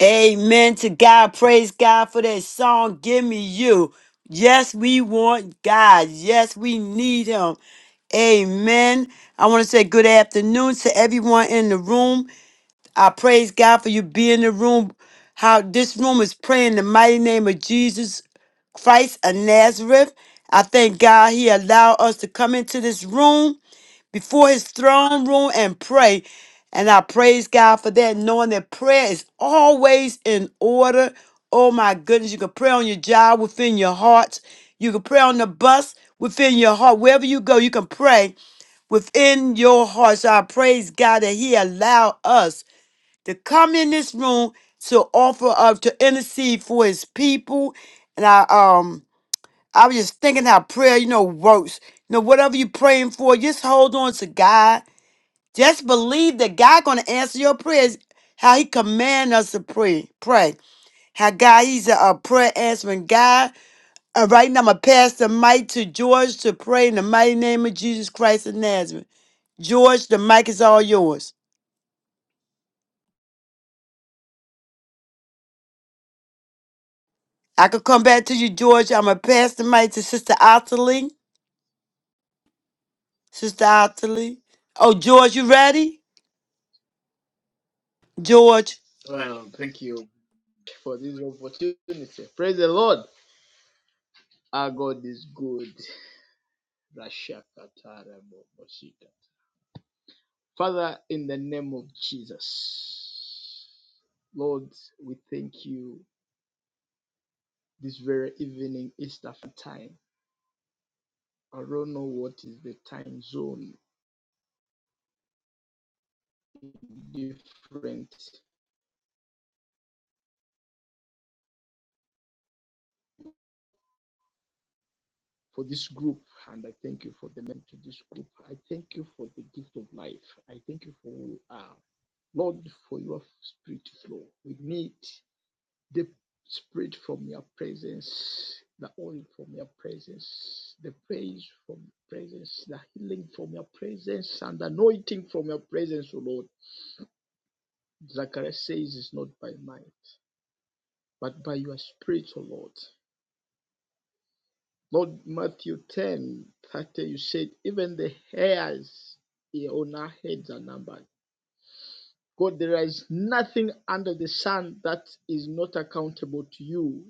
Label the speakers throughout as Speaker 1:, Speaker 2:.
Speaker 1: Amen to God. Praise God for that song. Give me you. Yes, we want God. Yes, we need him. Amen. I want to say good afternoon to everyone in the room. I praise God for you being in the room. How this room is praying in the mighty name of Jesus Christ of Nazareth. I thank God he allowed us to come into this room before his throne room and pray. And I praise God for that, knowing that prayer is always in order. Oh my goodness, you can pray on your job within your heart. You can pray on the bus within your heart. Wherever you go, you can pray within your heart. So I praise God that He allowed us to come in this room to offer up to intercede for His people. And I um I was just thinking how prayer, you know, works. You know, whatever you're praying for, just hold on to God just believe that God gonna answer your prayers. How He command us to pray, pray. How God He's a, a prayer answering God. And right now, I'm gonna pass the mic to George to pray in the mighty name of Jesus Christ of Nazareth. George, the mic is all yours. I could come back to you, George. I'm gonna pass the mic to Sister Otterly. Sister Otterly. Oh, George, you ready? George.
Speaker 2: Well, thank you for this opportunity. Praise the Lord. Our God is good. Rashakatarabobosika. Father, in the name of Jesus, Lord, we thank you this very evening, East African time. I don't know what is the time zone different for this group, and I thank you for the men to this group. I thank you for the gift of life. I thank you for who you are. Lord, for your spirit to flow. We need the spirit from your presence, the oil from your presence, the praise from your presence, the healing from your presence, and the anointing from your presence, O Lord. Zachariah says it's not by might, but by your spirit, O Lord. Lord Matthew 10 30, you said, even the hairs on our heads are numbered. God, there is nothing under the sun that is not accountable to you.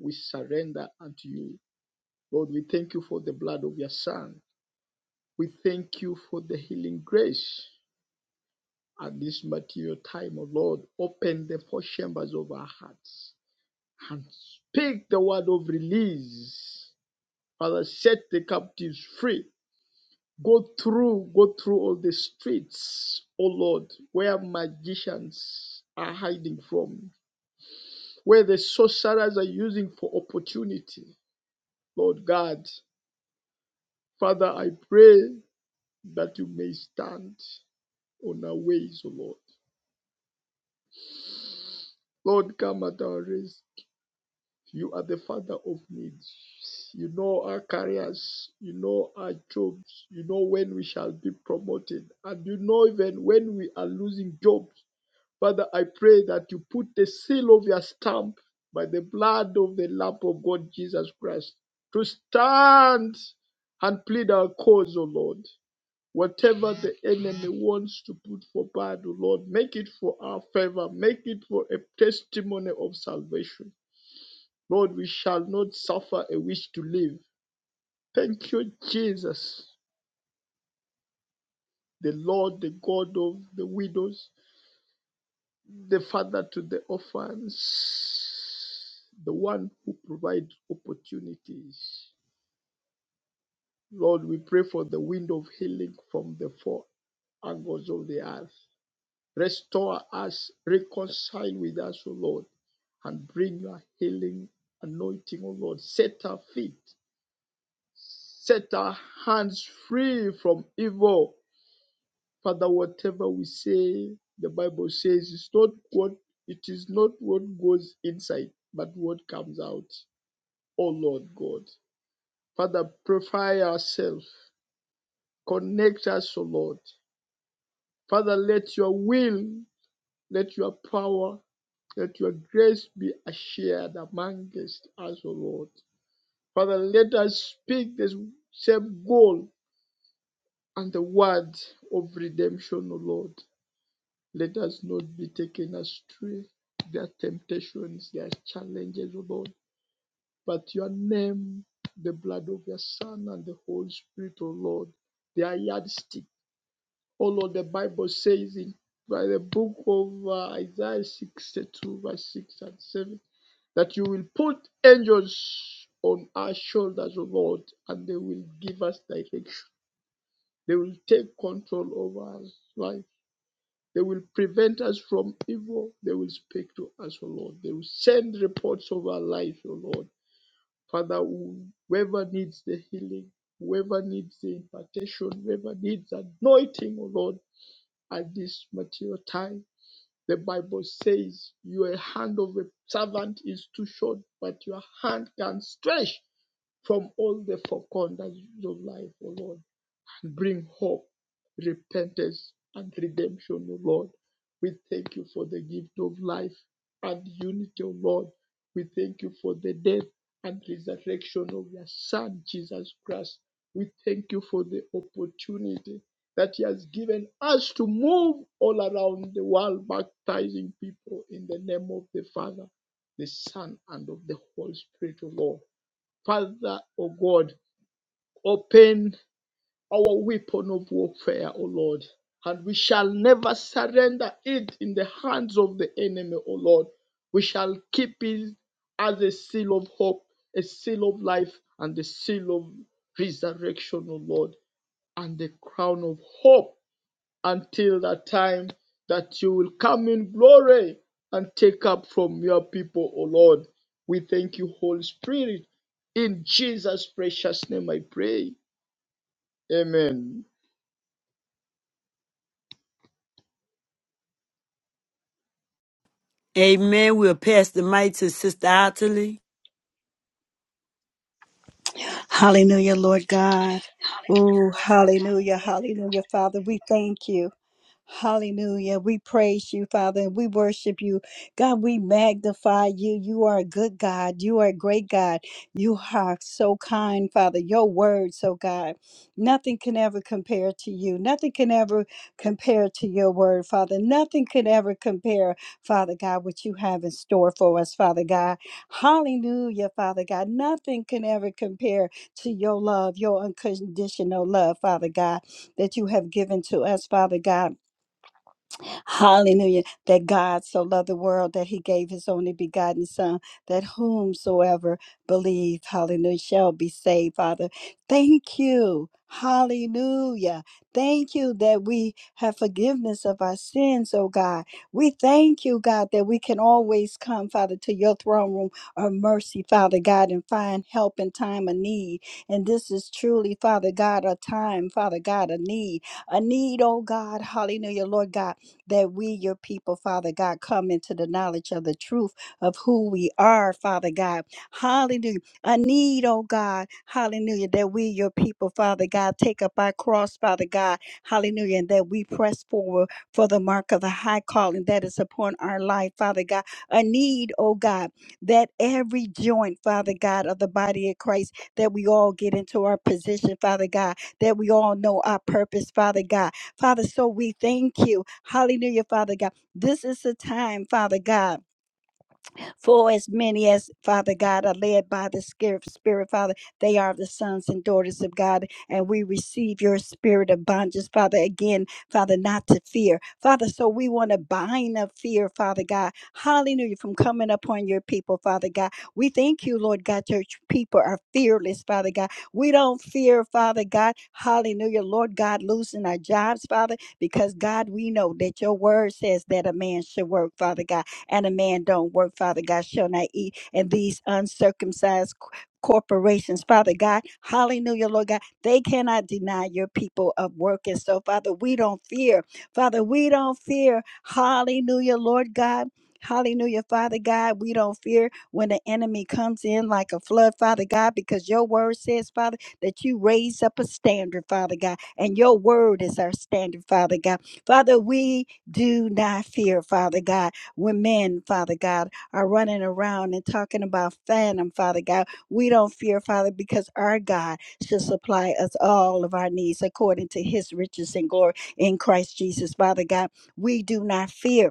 Speaker 2: We surrender unto you. Lord, we thank you for the blood of your Son. We thank you for the healing grace at this material time, O oh Lord. Open the four chambers of our hearts and speak the word of release. Father, set the captives free. Go through, go through all the streets, O oh Lord, where magicians are hiding from, where the sorcerers are using for opportunity. Lord God, Father, I pray that you may stand on our ways, O Lord. Lord, come at our rest. You are the Father of needs. You know our careers. You know our jobs. You know when we shall be promoted. And you know even when we are losing jobs. Father, I pray that you put the seal of your stamp by the blood of the Lamb of God, Jesus Christ, to stand and plead our cause, O Lord. Whatever the enemy wants to put for bad, O Lord, make it for our favor, make it for a testimony of salvation. Lord, we shall not suffer a wish to live. Thank you, Jesus, the Lord, the God of the widows, the Father to the orphans, the one who provides opportunities. Lord, we pray for the wind of healing from the four angles of the earth. Restore us, reconcile with us, O Lord, and bring your healing anointing, O Lord. Set our feet, set our hands free from evil. Father, whatever we say, the Bible says it's not what it is not what goes inside, but what comes out. O Lord God. Father, purify ourselves. Connect us, O Lord. Father, let your will, let your power Let your grace be shared amongst us, O Lord. Father, let us speak the same goal and the word of redemption, O Lord. Let us not be taken astray. There are temptations, there are challenges, O Lord. But your name, the blood of your Son, and the Holy Spirit, O Lord, they are yardstick. O Lord, the Bible says in by the book of uh, Isaiah 62, verse 6 and 7 that you will put angels on our shoulders, O Lord, and they will give us direction. They will take control over us life. They will prevent us from evil. They will speak to us, O Lord. They will send reports of our life, O Lord. Father, whoever needs the healing, whoever needs the impartation, whoever needs anointing, O Lord, at this material time. The Bible says your hand of a servant is too short, but your hand can stretch from all the four corners of life, O Lord to bring hope, repentance, and redemption, O Lord. We thank you for the gift of life and unity, O Lord. We thank you for the death and resurrection of your Son, Jesus Christ. We thank you for the opportunity that He has given us to move all around the world, baptizing people in the name of the Father, the Son, and of the Holy Spirit, O Lord. Father, O God, open our weapon of warfare, O Lord, and we shall never surrender it in the hands of the enemy, O Lord. We shall keep it as a seal of hope, a seal of life, and the seal of resurrection, O Lord, and the crown of hope until the time that you will come in glory and take up from your people, O Lord. We thank you, Holy Spirit. In Jesus' precious name I pray. Amen.
Speaker 1: Amen. We'll pass the mic to Sister Otterly.
Speaker 3: Hallelujah, Lord God.
Speaker 2: Hallelujah.
Speaker 3: Oh,
Speaker 2: Lord every God.
Speaker 3: hallelujah, hallelujah, Father. We thank you. Hallelujah. We praise you, Father, and we worship you. God, we magnify you. You are a good God. You are a great God. You are so kind, Father. Your words, oh God. Nothing can ever compare to you. Nothing can ever compare to your word, Father. Nothing can ever compare, Father God, what you have in store for us, Father God. Hallelujah, Father God. Nothing can ever compare to your love, your unconditional love, Father God, that you have given to us, Father God. Hallelujah. That God so loved the world that he gave his only begotten Son, that whomsoever believe, hallelujah, shall be saved, Father. Thank you. Hallelujah. Thank you that we have forgiveness of our sins, oh God. We thank you, God, that we can always come, Father, to your throne room of mercy, Father God, and find help in time of need. And this is truly, Father God, a time, Father God, a need. A need, oh God. Hallelujah, Lord God that we, your people, Father God, come into the knowledge of the truth of who we are, Father God. Hallelujah. I need, oh God, hallelujah, that we, your people, Father God, take up our cross, Father God, hallelujah, and that we press forward for the mark of the high calling that is upon our life, Father God. A need, oh God, that every joint, Father God, of the body of Christ, that we all get into our position, Father God, that we all know our purpose, Father God, Father, so we thank you. Hallelujah, Father God. This is the time, Father God. For as many as, Father God, are led by the Spirit, Spirit, Father, they are the sons and daughters of God. And we receive your spirit of bondage, Father, again, Father, not to fear. Father, so we want to bind up fear, Father God. Hallelujah, from coming upon your people, Father God. We thank you, Lord God, your people are fearless, Father God. We don't fear, Father God. Hallelujah, Lord God, losing our jobs, Father, because God, we know that your word says that a man should work, Father God and a man don't work, Father God, shall not eat. And these uncircumcised c- corporations, Father God, hallelujah, Lord God, they cannot deny your people of work. And so, Father, we don't fear. Father, we don't fear. Hallelujah, Lord God. Hallelujah, Father God. We don't fear when the enemy comes in like a flood, Father God, because your word says, Father, that you raise up a standard, Father God, and your word is our standard, Father God. Father, we do not fear, Father God. When men, Father God, are running around and talking about phantom, Father God, we don't fear, Father, because our God shall supply us all of our needs according to his riches and glory in Christ Jesus, Father God. We do not fear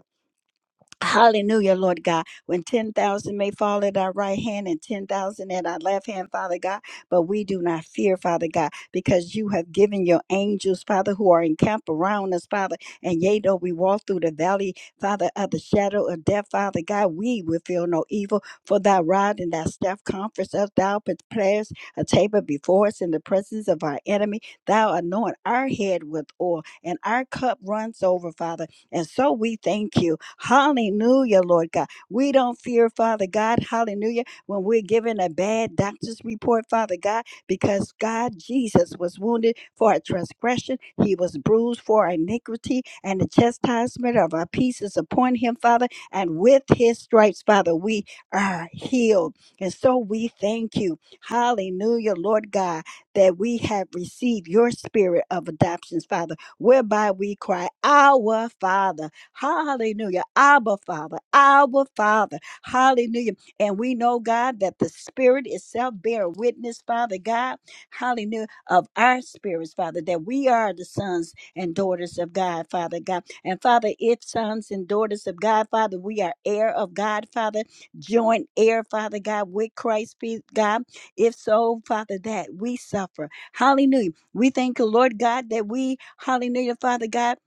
Speaker 3: Hallelujah, Lord God. When 10,000 may fall at our right hand and 10,000 at our left hand, Father God, but we do not fear, Father God, because you have given your angels, Father, who are encamped around us, Father. And yea, though we walk through the valley, Father, of the shadow of death, Father God, we will feel no evil, for thy rod and thy staff comforts us. Thou prepares a table before us in the presence of our enemy. Thou anoint our head with oil, and our cup runs over, Father. And so we thank you. Hallelujah, Lord God. We don't fear, Father God, hallelujah, when we're given a bad doctor's report, Father God, because God, Jesus, was wounded for our transgression. He was bruised for our iniquity, and the chastisement of our peace is upon him, Father. And with his stripes, Father, we are healed. And so we thank you. Hallelujah, Lord God, that we have received your spirit of adoptions, Father whereby we cry, Our Father. Hallelujah. Abba Father. Our Father. Hallelujah. And we know, God, that the Spirit itself bear witness, Father God. Hallelujah. Of our spirits, Father, that we are the sons and daughters of God, Father God. And Father, if sons and daughters of God, Father, we are heir of God, Father, joint heir, Father God, with Christ, be- God. If so, Father, that we suffer. Hallelujah we thank you, Lord God, that we, hallelujah, Father God,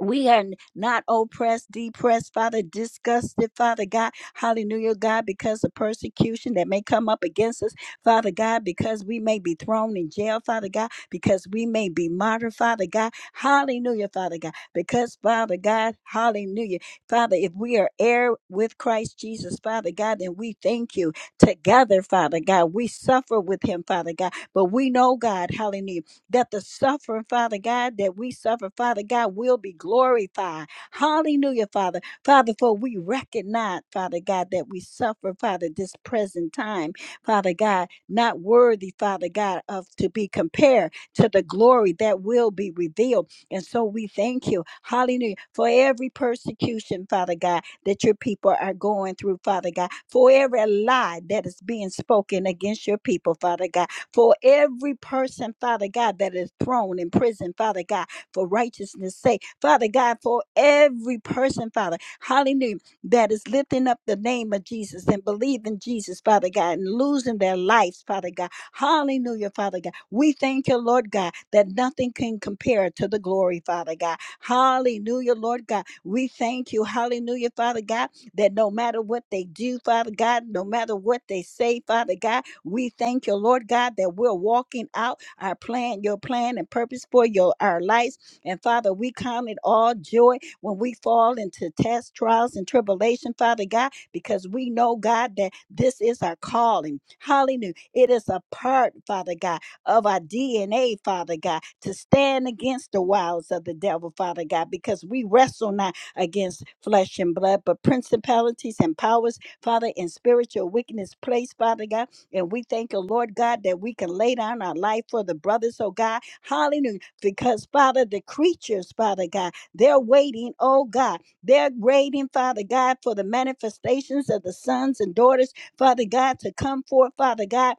Speaker 3: we are not oppressed, depressed, Father, disgusted, Father God, hallelujah, God, because of persecution that may come up against us, Father God, because we may be thrown in jail, Father God, because we may be martyred, Father God, hallelujah, Father God, because, Father God, hallelujah, Father, if we are heir with Christ Jesus, Father God, then we thank you together, Father God. We suffer with him, Father God, but we know, God, hallelujah that the suffering, Father God, that we suffer, Father God, will be glorified. Hallelujah, Father. Father, for we recognize, Father God, that we suffer, Father, this present time, Father God, not worthy, Father God, of to be compared to the glory that will be revealed. And so we thank you, hallelujah, for every persecution, Father God, that your people are going through, Father God, for every lie that is being spoken against your people, Father God for every person, Father God, that is thrown in prison, Father God, for righteousness' sake, Father God, for every person, Father, hallelujah, that is lifting up the name of Jesus and believing Jesus, Father God, and losing their lives, Father God, hallelujah, Father God. We thank you, Lord God, that nothing can compare to the glory, Father God, hallelujah, Lord God. We thank you, hallelujah, Father God, that no matter what they do, Father God, no matter what they say, Father God. We thank you, Lord God, that we're walking out our plan, your plan and purpose for your our lives. And Father, we count it all joy when we fall into tests, trials, and tribulation, Father God, because we know, God, that this is our calling. Hallelujah. It is a part, Father God, of our DNA, Father God, to stand against the wiles of the devil, Father God, because we wrestle not against flesh and blood, but principalities and powers, Father, in spiritual wickedness place, Father God. And we thank you, Lord God, that we can lay down our life for the brothers, oh God. Hallelujah. Because, Father, the creatures, Father God, they're waiting, oh God. They're waiting, Father God, for the manifestations of the sons and daughters, Father God, to come forth, Father God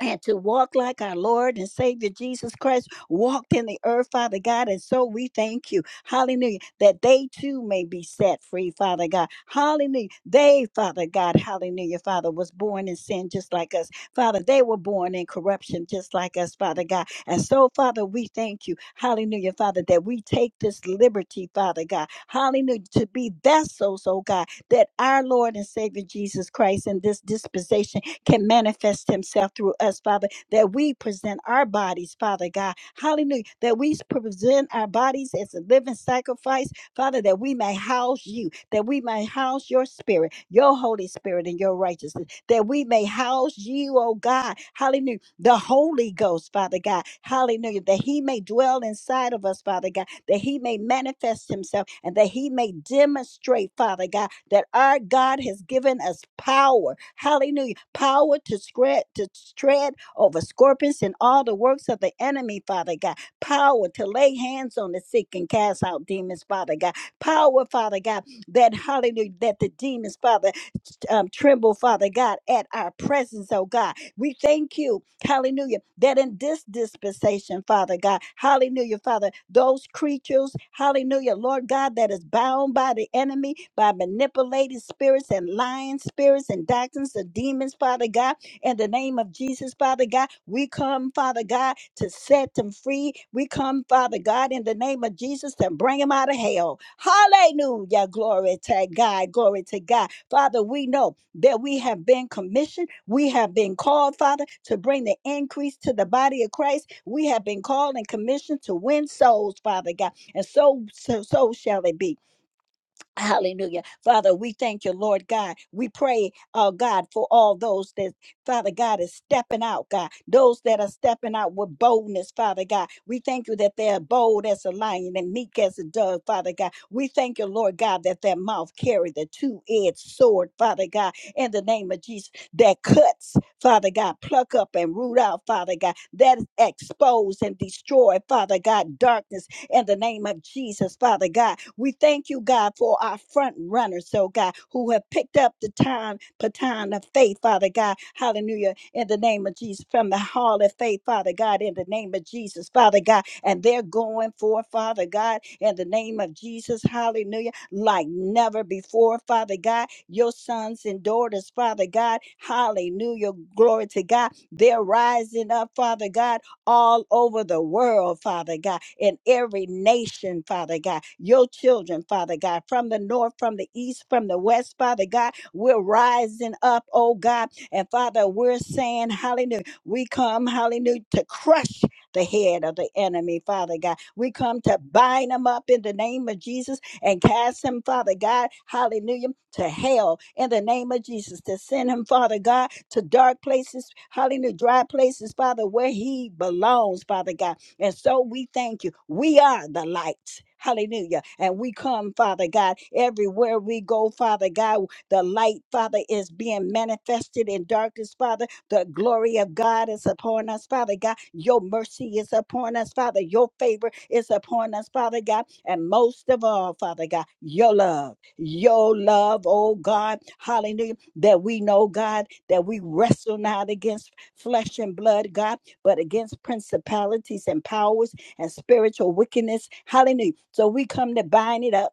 Speaker 3: and to walk like our Lord and Savior Jesus Christ walked in the earth, Father God. And so we thank you, hallelujah, that they too may be set free, Father God. Hallelujah. They, Father God, hallelujah, Father, was born in sin just like us. Father, they were born in corruption just like us, Father God. And so, Father, we thank you, hallelujah, Father, that we take this liberty, Father God, hallelujah, to be vessels, oh God, that our Lord and Savior Jesus Christ in this dispensation can manifest himself through us, Father, that we present our bodies, Father God. Hallelujah. That we present our bodies as a living sacrifice, Father, that we may house you, that we may house your spirit, your Holy Spirit, and your righteousness, that we may house you, oh God. Hallelujah the Holy Ghost, Father God. Hallelujah. That he may dwell inside of us, Father God. That he may manifest himself and that he may demonstrate, Father God, that our God has given us power. Hallelujah. Power to spread, to tread over scorpions and all the works of the enemy, Father God. Power to lay hands on the sick and cast out demons, Father God. Power, Father God, that hallelujah, that the demons, Father, um, tremble, Father God, at our presence, oh God. We thank you, hallelujah, that in this dispensation, Father God, hallelujah, Father, those creatures, hallelujah, Lord God, that is bound by the enemy, by manipulated spirits and lying spirits and doctrines of demons, Father God, in the name of Jesus, Father God. We come, Father God, to set them free. We come, Father God, in the name of Jesus to bring them out of hell. Hallelujah. Glory to God. Glory to God. Father, we know that we have been commissioned. We have been called, Father, to bring the increase to the body of Christ. We have been called and commissioned to win souls, Father God. And so, so, so shall it be. Hallelujah. Father, we thank you, Lord God. We pray, oh God, for all those that, Father God, is stepping out, God. Those that are stepping out with boldness, Father God. We thank you that they're bold as a lion and meek as a dove, Father God. We thank you, Lord God, that their mouth carry the two-edged sword, Father God, in the name of Jesus, that cuts, Father God, pluck up and root out, Father God, that expose and destroy, Father God, darkness in the name of Jesus, Father God. We thank you, God, for our front runners, so God, who have picked up the time, baton of faith, Father God. Hallelujah. In the name of Jesus, from the hall of faith, Father God, in the name of Jesus, Father God. And they're going for, Father God, in the name of Jesus, hallelujah, like never before, Father God. Your sons and daughters, Father God, hallelujah. Glory to God. They're rising up, Father God all over the world, Father God, in every nation, Father God. Your children, Father God, from the north, from the east, from the west, Father God, we're rising up, oh God. And Father, we're saying, Hallelujah. We come, Hallelujah, to crush the head of the enemy, Father God. We come to bind them up in the name of Jesus and cast him, Father God, hallelujah, to hell in the name of Jesus. To send him, Father God, to dark places, hallelujah, dry places, Father, where he belongs, Father God. And so we thank you. We are the lights. Hallelujah. And we come, Father God, everywhere we go, Father God, the light, Father, is being manifested in darkness, Father. The glory of God is upon us, Father God. Your mercy is upon us, Father. Your favor is upon us, Father God. And most of all, Father God, your love, your love, oh God, hallelujah, that we know, God, that we wrestle not against flesh and blood, God, but against principalities and powers and spiritual wickedness. Hallelujah. So we come to bind it up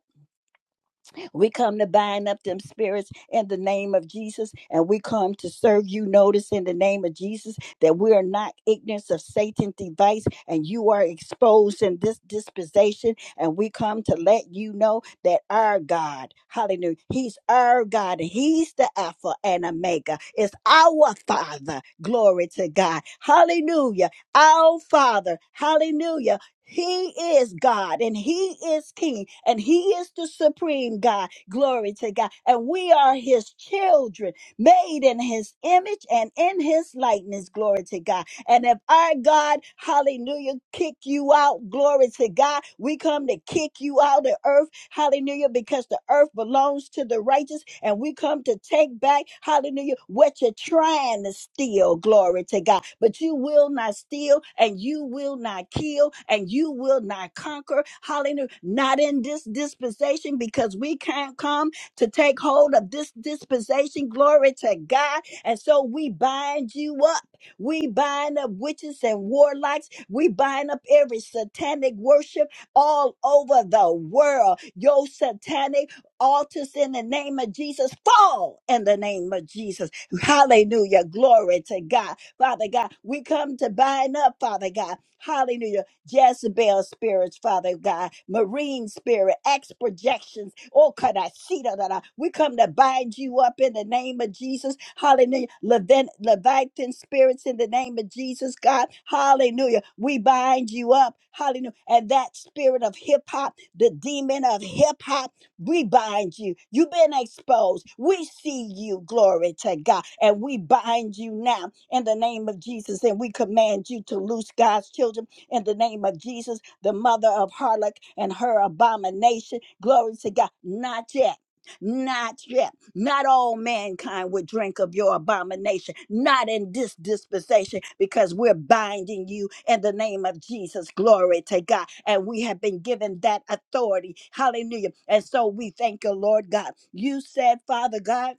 Speaker 3: we come to bind up them spirits in the name of Jesus, and we come to serve you. Notice in the name of Jesus that we are not ignorant of Satan's device, and you are exposed in this dispensation. And we come to let you know that our God, hallelujah, He's our God. He's the Alpha and Omega. It's our Father. Glory to God. Hallelujah. Our Father. Hallelujah he is God and He is King and He is the supreme God. Glory to God. And we are His children, made in His image and in His likeness. Glory to God. And if our God, hallelujah, kick you out, glory to God, we come to kick you out of earth, hallelujah, because the earth belongs to the righteous. And we come to take back, hallelujah, what you're trying to steal, glory to God. But you will not steal, and you will not kill, and you will not conquer, hallelujah, not in this dispensation because we can't come to take hold of this dispensation, glory to God. And so we bind you up. We bind up witches and warlocks. We bind up every satanic worship all over the world. Your satanic altars in the name of Jesus fall in the name of Jesus. Hallelujah. Glory to God. Father God, we come to bind up, Father God. Hallelujah Jezebel spirits, Father God, marine spirit, ex projections. Oh, could I see that? that I- We come to bind you up in the name of Jesus. Hallelujah. Levin, Leviathan spirits in the name of Jesus, God. Hallelujah. We bind you up. Hallelujah. And that spirit of hip hop, the demon of hip hop, we bind you. You've been exposed. We see you, glory to God. And we bind you now in the name of Jesus. And we command you to loose God's children in the name of Jesus, the mother of harlot and her abomination. Glory to God. Not yet. Not yet. Not all mankind would drink of your abomination. Not in this dispensation, because we're binding you in the name of Jesus. Glory to God. And we have been given that authority. Hallelujah. And so we thank you, Lord God. You said, Father God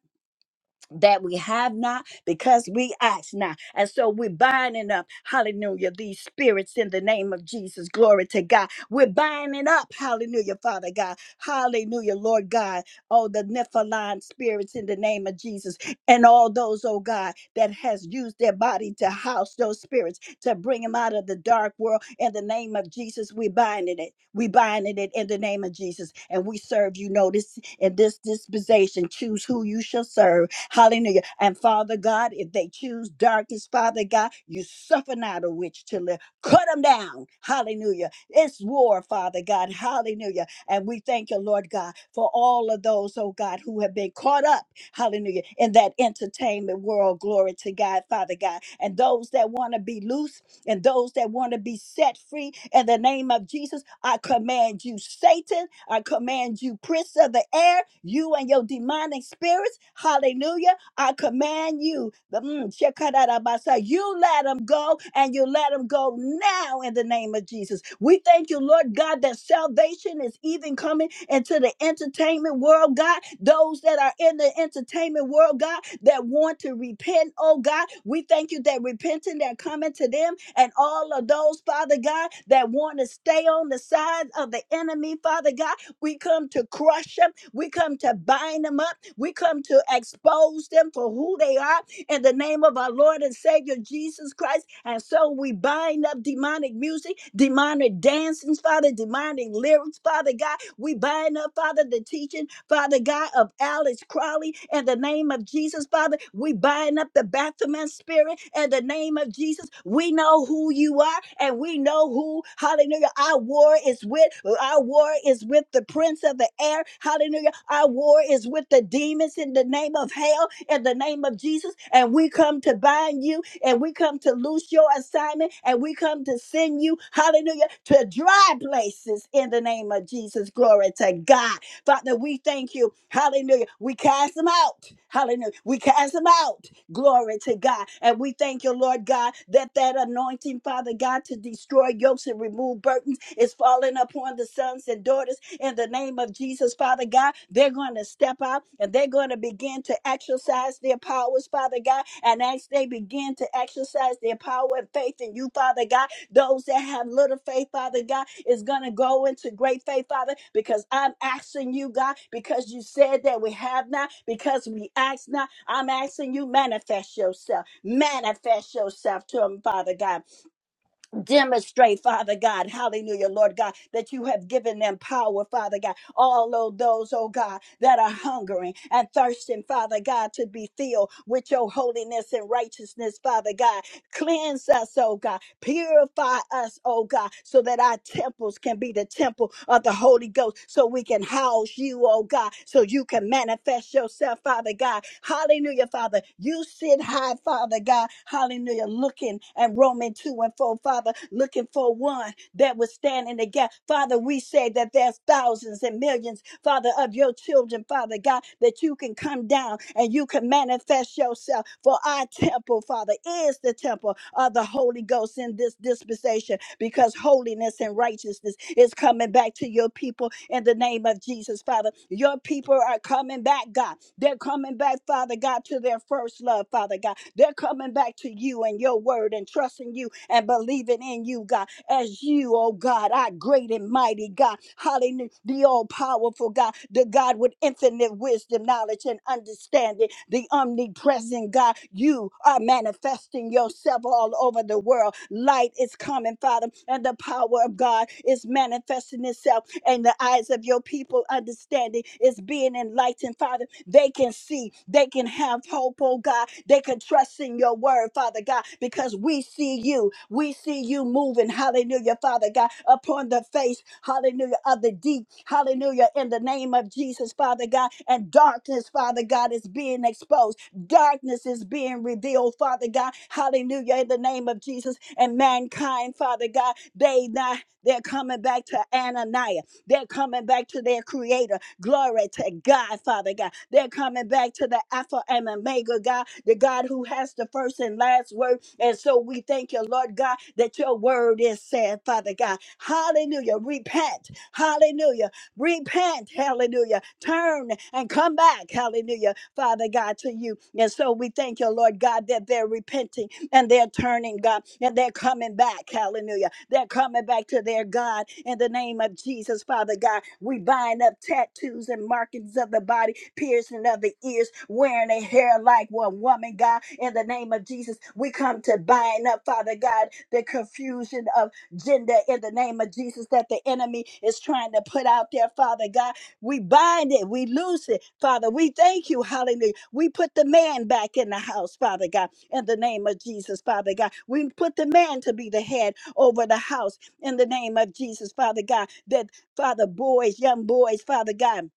Speaker 3: that we have not because we ask not. And so we're binding up, hallelujah, these spirits in the name of Jesus. Glory to God. We're binding up, hallelujah, Father God. Hallelujah, Lord God. Oh, the Nephilim spirits in the name of Jesus. And all those, oh God, that has used their body to house those spirits to bring him out of the dark world. In the name of Jesus, we binding it. We binding it in the name of Jesus. And we serve you. Notice in this dispensation, choose who you shall serve. Hallelujah. And Father God, if they choose darkness, Father God, you suffer not a witch to live. Cut them down. Hallelujah. It's war, Father God. Hallelujah. And we thank you, Lord God, for all of those, oh God, who have been caught up hallelujah, in that entertainment world. Glory to God, Father God. And those that want to be loose and those that want to be set free in the name of Jesus, I command you, Satan, I command you, prince of the air, you and your demonic spirits, hallelujah. I command you. the- mm, shekinah You let them go and you let them go now in the name of Jesus. We thank you, Lord God, that salvation is even coming into the entertainment world, God. Those that are in the entertainment world, God, that want to repent, oh God, we thank you that repenting that coming to them and all of those, Father God, that want to stay on the side of the enemy, Father God, we come to crush them. We come to bind them up we come to expose them for who they are in the name of our Lord and Savior Jesus Christ. And so we bind up demonic music, demonic dancings, Father, demonic lyrics, Father God. We bind up, Father, the teaching, Father God, of Alex Crowley in the name of Jesus, Father. We bind up the Baphomet spirit in the name of Jesus. We know who you are and we know who, hallelujah, our war is with. Our war is with the prince winds of the air. Hallelujah. Our war is with the demons in the name of hell, in the name of Jesus. And we come to bind you, and we come to loose your assignment, and we come to send you, hallelujah, to dry places in the name of Jesus. Glory to God. Father, we thank you. Hallelujah. We cast them out. Hallelujah. We cast them out. Glory to God. And we thank you, Lord God, that that anointing, Father God, to destroy yokes and remove burdens is falling upon the sons and daughters in the name of Jesus, Father God. They're going to step out and they're going to begin to exercise their powers, Father God. And as they begin to exercise their power and faith in you, Father God, those that have little faith, Father God, is going to go into great faith, Father, because I'm asking you, God, because you said that we have not, because we ask not. I'm asking you, manifest yourself, manifest yourself to them, Father God Demonstrate, Father God, hallelujah, Lord God, that you have given them power, Father God. All of those, oh God, that are hungering and thirsting, Father God, to be filled with your holiness and righteousness, Father God. Cleanse us, oh God. Purify us, oh God, so that our temples can be the temple of the Holy Ghost, so we can house you, oh God, so you can manifest yourself, Father God. Hallelujah, Father. You sit high, Father God. Hallelujah. Looking at Romans 2 and 4, Father, looking for one that would stand in the gap. Father, we say that there's thousands and millions, Father, of your children, Father God, that you can come down and you can manifest yourself. For our temple, Father, is the temple of the Holy Ghost in this dispensation because holiness and righteousness is coming back to your people in the name of Jesus, Father. Your people are coming back, God. They're coming back, Father God, to their first love, Father God. They're coming back to you and your word and trusting you and believing in you, God as you, oh God, our great and mighty God, hallelujah, the all powerful God, the God with infinite wisdom, knowledge, and understanding, the omnipresent God. You are manifesting yourself all over the world. Light is coming, Father, and the power of God is manifesting itself in the eyes of your people people understanding is being enlightened, Father. They can see, they can have hope, oh God. They can trust in your word, Father God, because we see you. We see you moving, hallelujah, Father God, upon the face, hallelujah, of the deep, hallelujah, in the name of Jesus, Father God. And darkness, Father God, is being exposed. Darkness is being revealed, Father God, hallelujah, in the name of Jesus. And mankind, Father God, they not, they're coming back to Ananias. They're coming back to their creator. Glory to God, Father God. They're coming back to the Alpha and Omega God, the God who has the first and last word. And so we thank you, Lord God, that your word is said, Father God. Hallelujah. Repent. Hallelujah. Repent. Hallelujah. Turn and come back. Hallelujah. Father God, to you. And so we thank you, Lord God, that they're repenting and they're turning, God, and they're coming back. Hallelujah. They're coming back to their God in the name of Jesus, Father God. We bind up tattoos and markings of the body, piercing of the ears, wearing a hair like one woman, God, in the name of Jesus. We come to bind up, Father God, the confusion of gender in the name of Jesus that the enemy is trying to put out there, Father God. We bind it, we loose it, Father. We thank you, hallelujah. We put the man back in the house, Father God in the name of Jesus, Father God. We put the man to be the head over the house in the name of Jesus, Father God. That, Father, boys, young boys, Father God,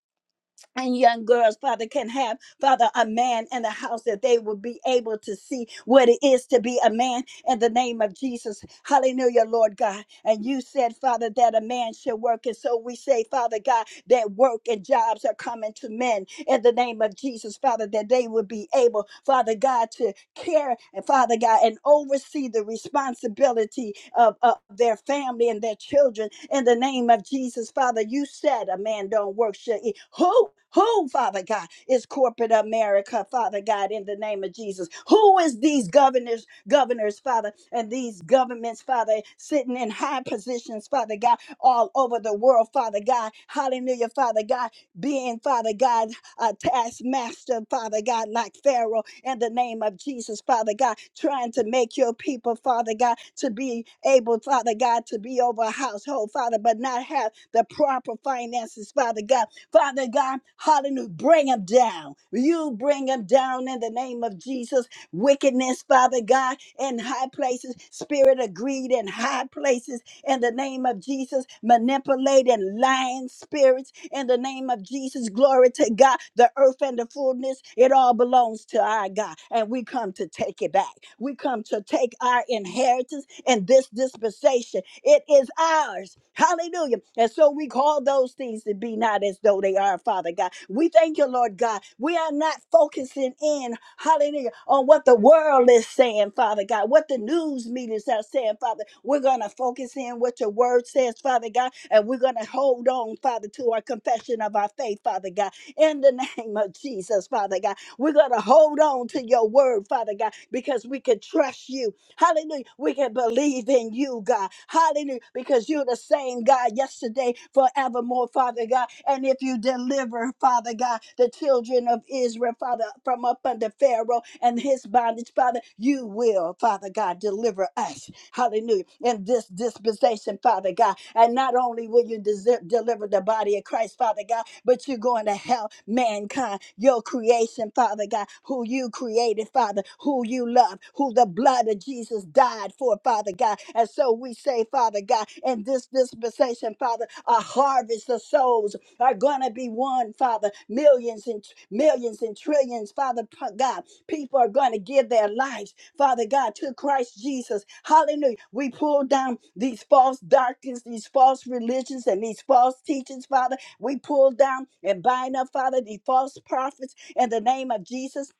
Speaker 3: and young girls, Father, can have, Father, a man in the house that they will be able to see what it is to be a man in the name of Jesus. Hallelujah, Lord God. And you said, Father, that a man should work. And so we say, Father God, that work and jobs are coming to men in the name of Jesus, Father, that they would be able, Father God, to care, Father God, and oversee the responsibility of, of their family and their children in the name of Jesus. Father, you said a man don't work. Should eat. Who, who, Father God, is corporate America, Father God, in the name of Jesus? Who is these governors, governors, Father, and these governments, Father, sitting in high positions, Father God, all over the world, Father God. Hallelujah, Father God, being, Father God uh, taskmaster, Father God, like Pharaoh, in the name of Jesus, Father God, trying to make your people, Father God, to be able, Father God, to be over a household, Father, but not have the proper finances, Father God. Father God, hallelujah, bring them down. You bring them down in the name of Jesus wickedness, Father God, in high places, spirit of greed in high places, in the name of Jesus, manipulating lying spirits in the name of Jesus. Glory to God. The earth and the fullness, it all belongs to our God. And we come to take it back. We come to take our inheritance in this dispensation. It is ours. Hallelujah. And so we call those things to be not as though they are we are, Father God. We thank you, Lord God. We are not focusing in, hallelujah, on what the world is saying, Father God, what the news meetings are saying, Father. We're going to focus in what your word says, Father God, and we're going to hold on, Father, to our confession of our faith, Father God, in the name of Jesus, Father God. We're going to hold on to your word, Father God, because we can trust you Hallelujah. We can believe in you, God. Hallelujah. Because you're the same God yesterday, forevermore, Father God. And if you deliver, Father God, the children of Israel, Father, from up under Pharaoh and his bondage, Father, you will, Father God, deliver us. Hallelujah. In this dispensation, Father God. And not only will you desi- deliver the body of Christ, Father God, but you're going to help mankind, your creation, Father God, who you created, Father, who you love, who the blood of Jesus died for, Father God. And so we say, Father God, in this dispensation, Father, a harvest of souls are going to be won, Father. Millions and millions and trillions, Father p- God. People are going to give their lives, Father God, to Christ Jesus. Hallelujah. We pull down these false doctrines, these false religions, and these false teachings, Father. We pull down and bind up, Father, the false prophets in the name of Jesus.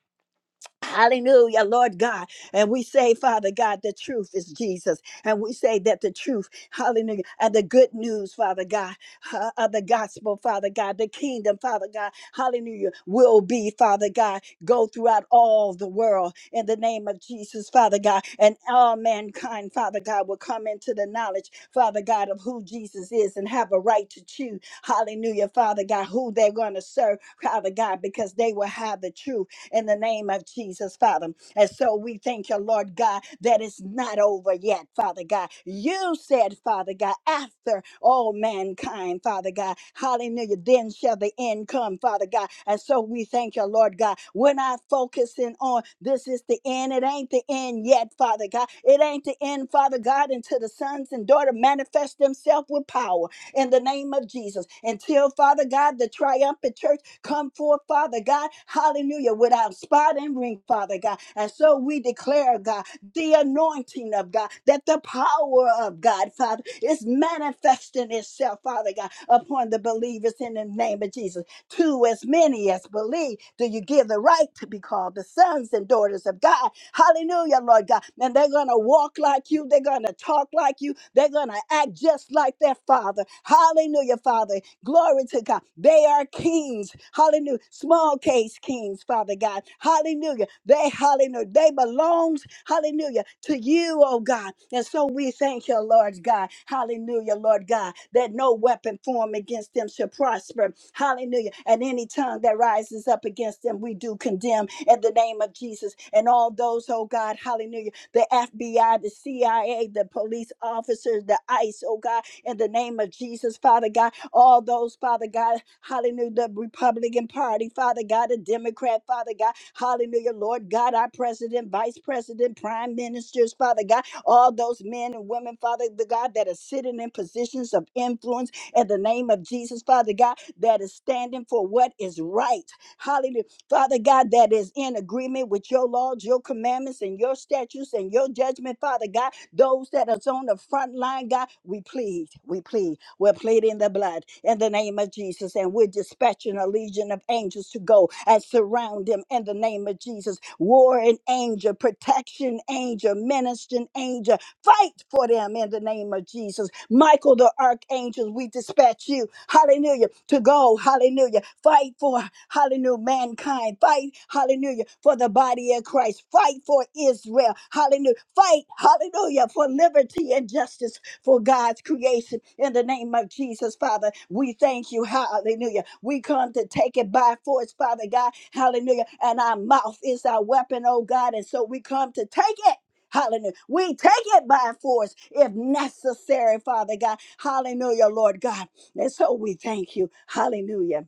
Speaker 3: Hallelujah, Lord God. And we say, Father God, the truth is Jesus. And we say that the truth, hallelujah, and the good news, Father God, uh, of the gospel, Father God, the kingdom, Father God, hallelujah, will be, Father God, go throughout all the world in the name of Jesus, Father God. And all mankind, Father God, will come into the knowledge, Father God, of who Jesus is and have a right to choose, hallelujah, Father God, who they're going to serve, Father God, because they will have the truth in the name of Jesus, Father. And so we thank you, Lord God, that it's not over yet, Father God. You said, Father God, after all mankind, Father God, hallelujah, then shall the end come, Father God. And so we thank you, Lord God. We're not focusing on this is the end. It ain't the end yet, Father God. It ain't the end, Father God, until the sons and daughter manifest themselves with power in the name of Jesus. Until, Father God, the triumphant church come forth, Father God. Hallelujah. Without spot and ring, Father God. And so we declare, God, the anointing of God, that the power of God, Father, is manifesting itself, Father God, upon the believers in the name of Jesus. To as many as believe, do you give the right to be called the sons and daughters of God? Hallelujah, Lord God. And they're going to walk like you. They're going to talk like you. They're going to act just like their father. Hallelujah, Father. Glory to God. They are kings. Hallelujah. Small case kings, Father God. Hallelujah. They, hallelujah. They belong belongs, hallelujah, to you, oh God. And so we thank you, Lord God, hallelujah, Lord God, that no weapon formed against them shall prosper, hallelujah. And any tongue that rises up against them, we do condemn in the name of Jesus. And all those, oh God, hallelujah, the FBI, the CIA, the police officers, the ICE, oh God, in the name of Jesus, Father God all those, Father God, hallelujah, the Republican Party, Father God, the Democrat, Father God, hallelujah, Lord God, our president, vice president, prime ministers, Father God, all those men and women, Father the God, that are sitting in positions of influence in the name of Jesus, Father God, that is standing for what is right. Hallelujah. Father God, that is in agreement with your laws, your commandments, and your statutes and your judgment, Father God. Those that is on the front line, God, we plead, we plead. We're pleading the blood in the name of Jesus, and we're dispatching a legion of angels to go and surround them in the name of Jesus. Warring angel, protection angel, ministering angel, Fight for them in the name of Jesus. Michael the archangel, we dispatch you, hallelujah, to go, hallelujah. Fight for, hallelujah, mankind. Fight, hallelujah, for the body of Christ. Fight for Israel, hallelujah. Fight, hallelujah, for liberty and justice for God's creation. In the name of Jesus, Father, we thank you. Hallelujah. We come to take it by force, Father God. Hallelujah. And our mouth is our weapon, oh God. And so we come to take it. Hallelujah. We take it by force if necessary, Father God. Hallelujah, Lord God. And so we thank you. Hallelujah.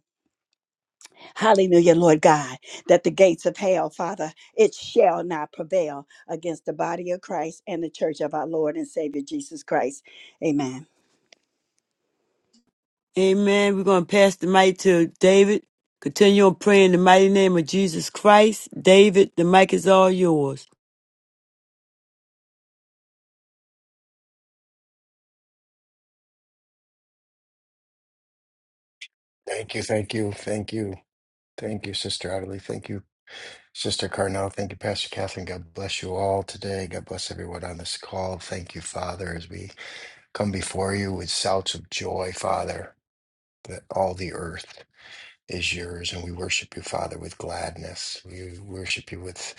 Speaker 3: Hallelujah, Lord God, that the gates of hell, Father, it shall not prevail against the body of Christ and the church of our Lord and Savior Jesus Christ. Amen.
Speaker 1: Amen. We're going to pass the mic to David. Continue on praying in the mighty name of Jesus Christ. David, the mic is all yours.
Speaker 4: Thank you, thank you, thank you, thank you, Sister Adelie. Thank you, Sister Carnell. Thank you, Pastor Catherine. God bless you all today. God bless everyone on this call. Thank you, Father, as we come before you with shouts of joy, Father, that all the earth is yours, and we worship you, Father, with gladness. We worship you with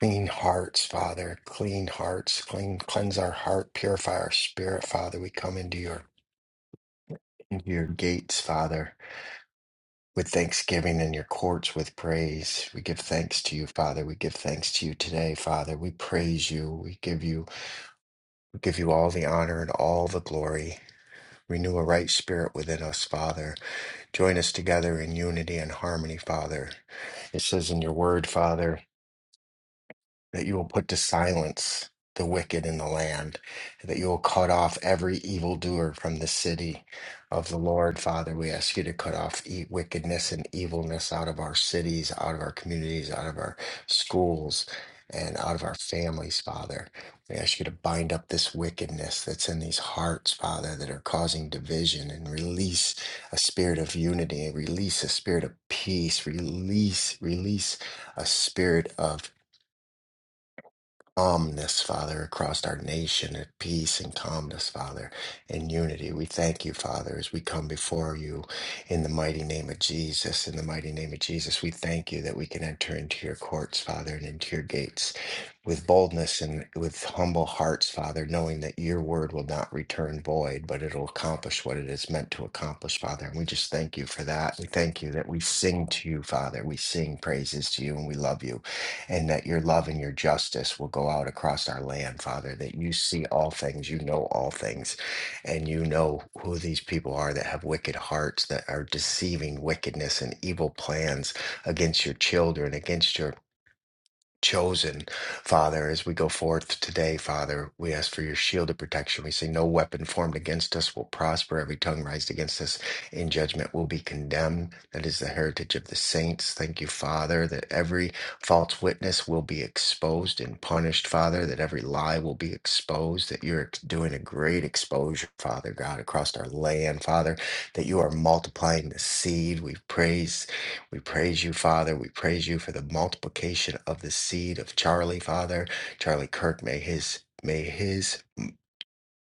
Speaker 4: clean hearts, Father, clean hearts, clean, cleanse our heart, purify our spirit, Father. We come into your into your gates, Father with thanksgiving in your courts with praise. We give thanks to you, Father. We give thanks to you today, Father. We praise you. We give you we give you all the honor and all the glory. Renew a right spirit within us, Father. Join us together in unity and harmony, Father. It says in your word, Father. that you will put to silence the wicked in the land, and that you will cut off every evildoer from the city of the Lord. Father, we ask you to cut off e- wickedness and evilness out of our cities, out of our communities, out of our schools, and out of our families, Father. We ask you to bind up this wickedness that's in these hearts, Father, that are causing division and release a spirit of unity, and release a spirit of peace, release, release a spirit of calmness, Father, across our nation, at peace and calmness, Father, and unity. We thank you, Father, as we come before you in the mighty name of Jesus. In the mighty name of Jesus, we thank you that we can enter into your courts, Father, and into your gates with boldness and with humble hearts, Father, knowing that your word will not return void, but it'll accomplish what it is meant to accomplish, Father. And we just thank you for that. We thank you that we sing to you, Father. We sing praises to you and we love you and that your love and your justice will go out across our land, Father, that you see all things, you know all things, and you know who these people are that have wicked hearts, that are deceiving wickedness and evil plans against your children, against your chosen, Father, as we go forth today, Father. We ask for your shield of protection. We say, No weapon formed against us will prosper. Every tongue raised against us in judgment will be condemned. That is the heritage of the saints. Thank you, Father, that every false witness will be exposed and punished, Father, that every lie will be exposed, that you're doing a great exposure, Father God, across our land, Father, that you are multiplying the seed. We praise. We praise you, Father. We praise you for the multiplication of the seed of Charlie, Father. Charlie Kirk, may his. May his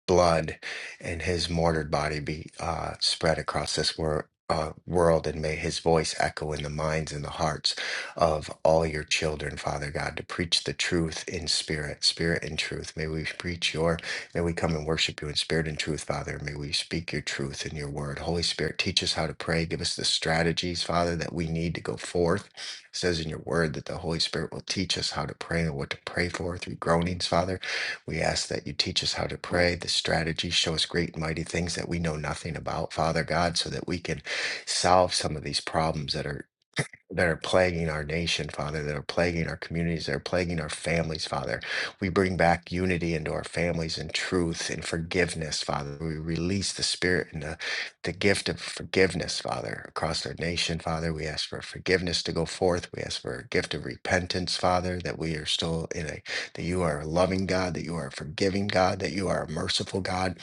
Speaker 4: blood and his martyred body be uh, spread across this wor- uh, world, and may his voice echo in the minds and the hearts of all your children, Father God, to preach the truth in spirit, spirit and truth. May we preach your, may we come and worship you in spirit and truth, Father. May we speak your truth in your word. Holy Spirit, teach us how to pray. Give us the strategies, Father, that we need to go forth. It says in your word that the Holy Spirit will teach us how to pray and what to pray for through groanings, Father. We ask that you teach us how to pray, the strategy, show us great and mighty things that we know nothing about, Father God, so that we can solve some of these problems that are that are plaguing our nation, Father, that are plaguing our communities, that are plaguing our families, Father. We bring back unity into our families and truth and forgiveness, Father. We release the spirit and the, the gift of forgiveness, Father, across our nation, Father. We ask for forgiveness to go forth. We ask for a gift of repentance, Father, that we are still in a, that you are a loving God, that you are a forgiving God, that you are a merciful God,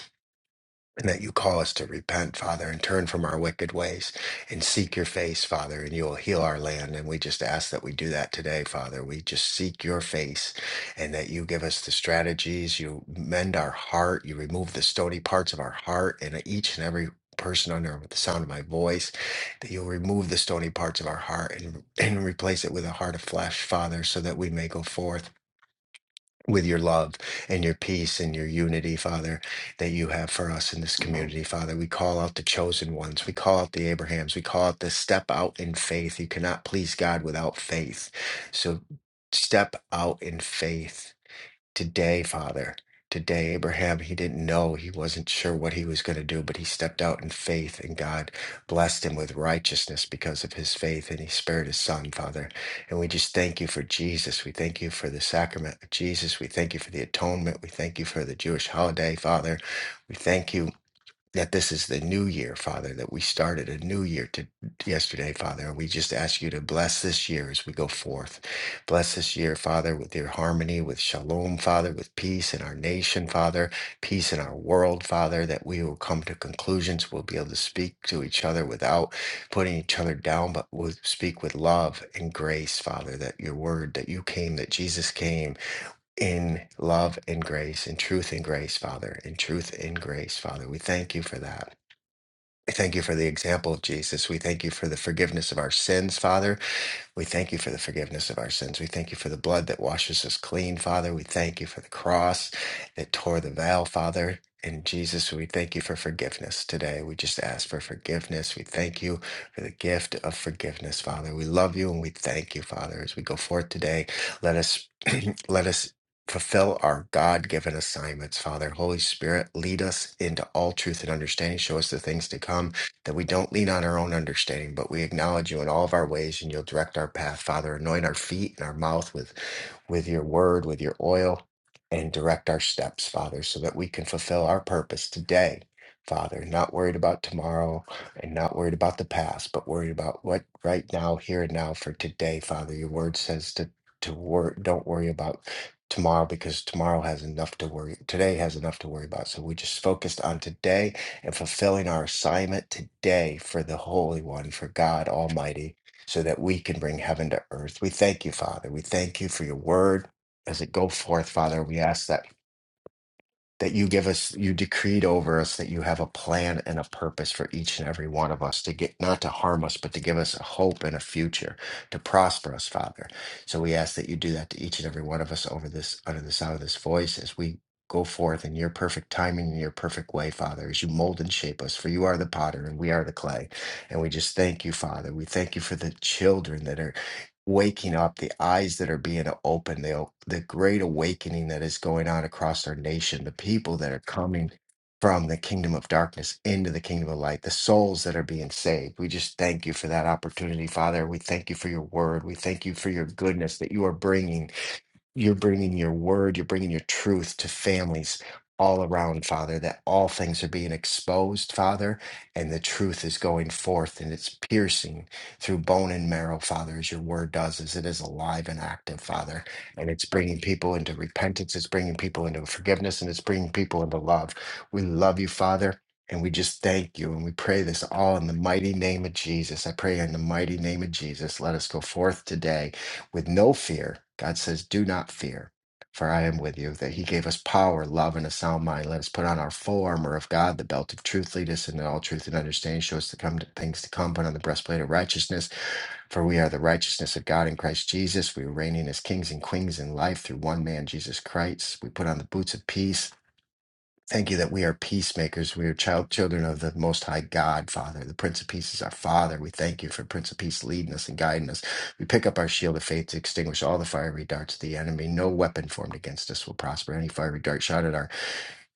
Speaker 4: and that you call us to repent, Father, and turn from our wicked ways and seek your face, Father, and you will heal our land. And we just ask that we do that today, Father. We just seek your face and that you give us the strategies, you mend our heart, you remove the stony parts of our heart and each and every person under the sound of my voice, that you'll remove the stony parts of our heart and, and replace it with a heart of flesh, Father, so that we may go forth with your love and your peace and your unity, Father, that you have for us in this community, Father. We call out the chosen ones. We call out the Abrahams. We call out the step out in faith. You cannot please God without faith. So step out in faith Today, Father, today, Abraham, he didn't know, he wasn't sure what he was going to do, but he stepped out in faith, and God blessed him with righteousness because of his faith, and he spared his son, Father. And we just thank you for Jesus. We thank you for the sacrament of Jesus. We thank you for the atonement. We thank you for the Jewish holiday, Father. We thank you that this is the new year, Father, that we started a new year to yesterday, Father. And we just ask you to bless this year as we go forth. Bless this year, Father, with your harmony, with shalom, Father, with peace in our nation, Father, peace in our world, Father, that we will come to conclusions. We'll be able to speak to each other without putting each other down, but we'll speak with love and grace, Father, that your word, that you came, that Jesus came in love and grace, in truth and grace, Father, in truth and grace, Father. We thank you for that. We thank you for the example of Jesus. We thank you for the forgiveness of our sins, Father. We thank you for the forgiveness of our sins. We thank you for the blood that washes us clean, Father. We thank you for the cross that tore the veil, Father. And Jesus, we thank you for forgiveness today. We just ask for forgiveness. We thank you for the gift of forgiveness, Father. We love you and we thank you, Father. As we go forth today, let us let us fulfill our God-given assignments, Father. Holy Spirit, lead us into all truth and understanding. Show us the things to come that we don't lean on our own understanding, but we acknowledge you in all of our ways, and you'll direct our path, Father. Anoint our feet and our mouth with, with your word, with your oil, and direct our steps, Father, so that we can fulfill our purpose today, Father. Not worried about tomorrow and not worried about the past, but worried about what right now, here and now, for today, Father. Your word says to to wor- don't worry about tomorrow because tomorrow has enough to worry today has enough to worry about so we just focused on today and fulfilling our assignment today for the Holy One, for God Almighty, so that we can bring heaven to earth. We thank you, Father. We thank you for your word as it go forth, Father. We ask that that you give us, you decreed over us that you have a plan and a purpose for each and every one of us to get, not to harm us, but to give us a hope and a future, to prosper us, Father. So we ask that you do that to each and every one of us over this, under the sound of this voice as we go forth in your perfect timing and your perfect way, Father, as you mold and shape us, for you are the potter and we are the clay. And we just thank you, Father. We thank you for the children that are waking up, the eyes that are being opened, the, the great awakening that is going on across our nation, the people that are coming from the kingdom of darkness into the kingdom of light, the souls that are being saved. We just thank you for that opportunity, Father. We thank you for your word. We thank you for your goodness that you are bringing. You're bringing your word, you're bringing your truth to families all around, Father, that all things are being exposed, Father, and the truth is going forth and it's piercing through bone and marrow, Father, as your word does, as it is alive and active, Father. And it's bringing people into repentance, it's bringing people into forgiveness, and it's bringing people into love. We love you, Father. And we just thank you and we pray this all in the mighty name of Jesus. I pray in the mighty name of Jesus. Let us go forth today with no fear. God says, Do not fear, for I am with you. That He gave us power, love, and a sound mind. Let us put on our full armor of God, the belt of truth, lead us into all truth and understanding. Show us the come things to come, put on the breastplate of righteousness, for we are the righteousness of God in Christ Jesus. We are reigning as kings and queens in life through one man, Jesus Christ. We put on the boots of peace Thank you that we are peacemakers. We are child children of the Most High God, Father. The Prince of Peace is our Father. We thank you for Prince of Peace leading us and guiding us. We pick up our shield of faith to extinguish all the fiery darts of the enemy. No weapon formed against us will prosper. Any fiery dart shot at our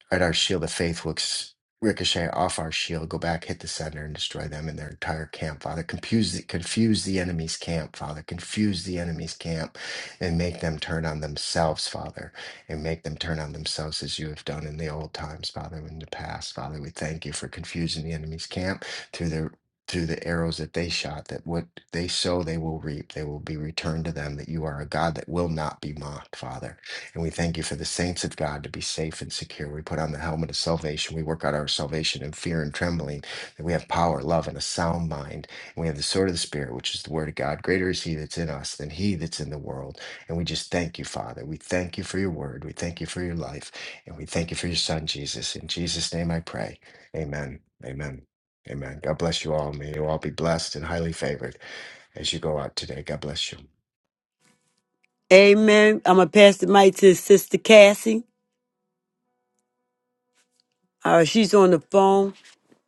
Speaker 4: Right, our shield of faith looks ricochet off our shield, go back, hit the center, and destroy them and their entire camp, Father. Confuse the, confuse the enemy's camp, Father. Confuse the enemy's camp and make them turn on themselves, Father, and make them turn on themselves as you have done in the old times, Father, in the past, Father. We thank you for confusing the enemy's camp through their through the arrows that they shot, that what they sow, they will reap. They will be returned to them, that you are a God that will not be mocked, Father. And we thank you for the saints of God to be safe and secure. We put on the helmet of salvation. We work out our salvation in fear and trembling, that we have power, love, and a sound mind. And we have the sword of the Spirit, which is the word of God. Greater is he that's in us than he that's in the world. And we just thank you, Father. We thank you for your word. We thank you for your life. And we thank you for your son, Jesus. In Jesus' name I pray. Amen. Amen. Amen. God bless you all. May you all be blessed and highly favored as you go out today. God bless you.
Speaker 1: Amen. I'm going to pass the mic to Sister Cassie. Uh, she's on the phone.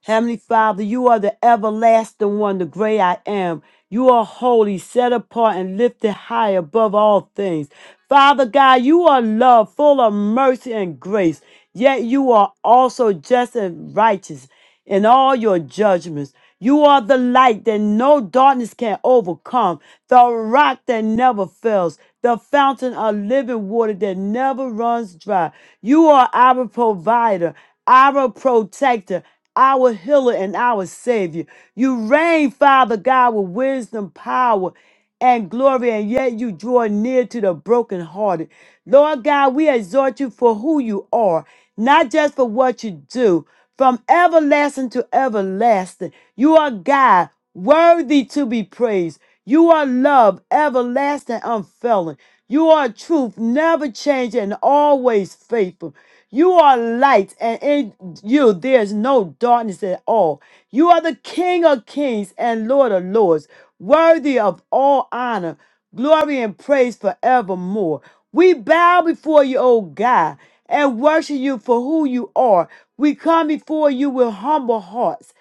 Speaker 1: Heavenly Father, you are the everlasting one, the great I am. You are holy, set apart, and lifted high above all things. Father God, you are love, full of mercy and grace, yet you are also just and righteous in all your judgments. You are the light that no darkness can overcome, the rock that never fails, the fountain of living water that never runs dry. You are our provider our protector, our healer, and our savior. You reign, Father God, with wisdom, power, and glory, and yet you draw near to the brokenhearted. Lord God, we exhort you for who you are, not just for what you do. From everlasting to everlasting, you are God, worthy to be praised. You are love, everlasting, unfailing. You are truth, never changing, and always faithful. You are light, and in you there is no darkness at all. You are the King of kings and Lord of lords, worthy of all honor, glory, and praise forevermore. We bow before you, O God, and worship you for who you are. We come before you with humble hearts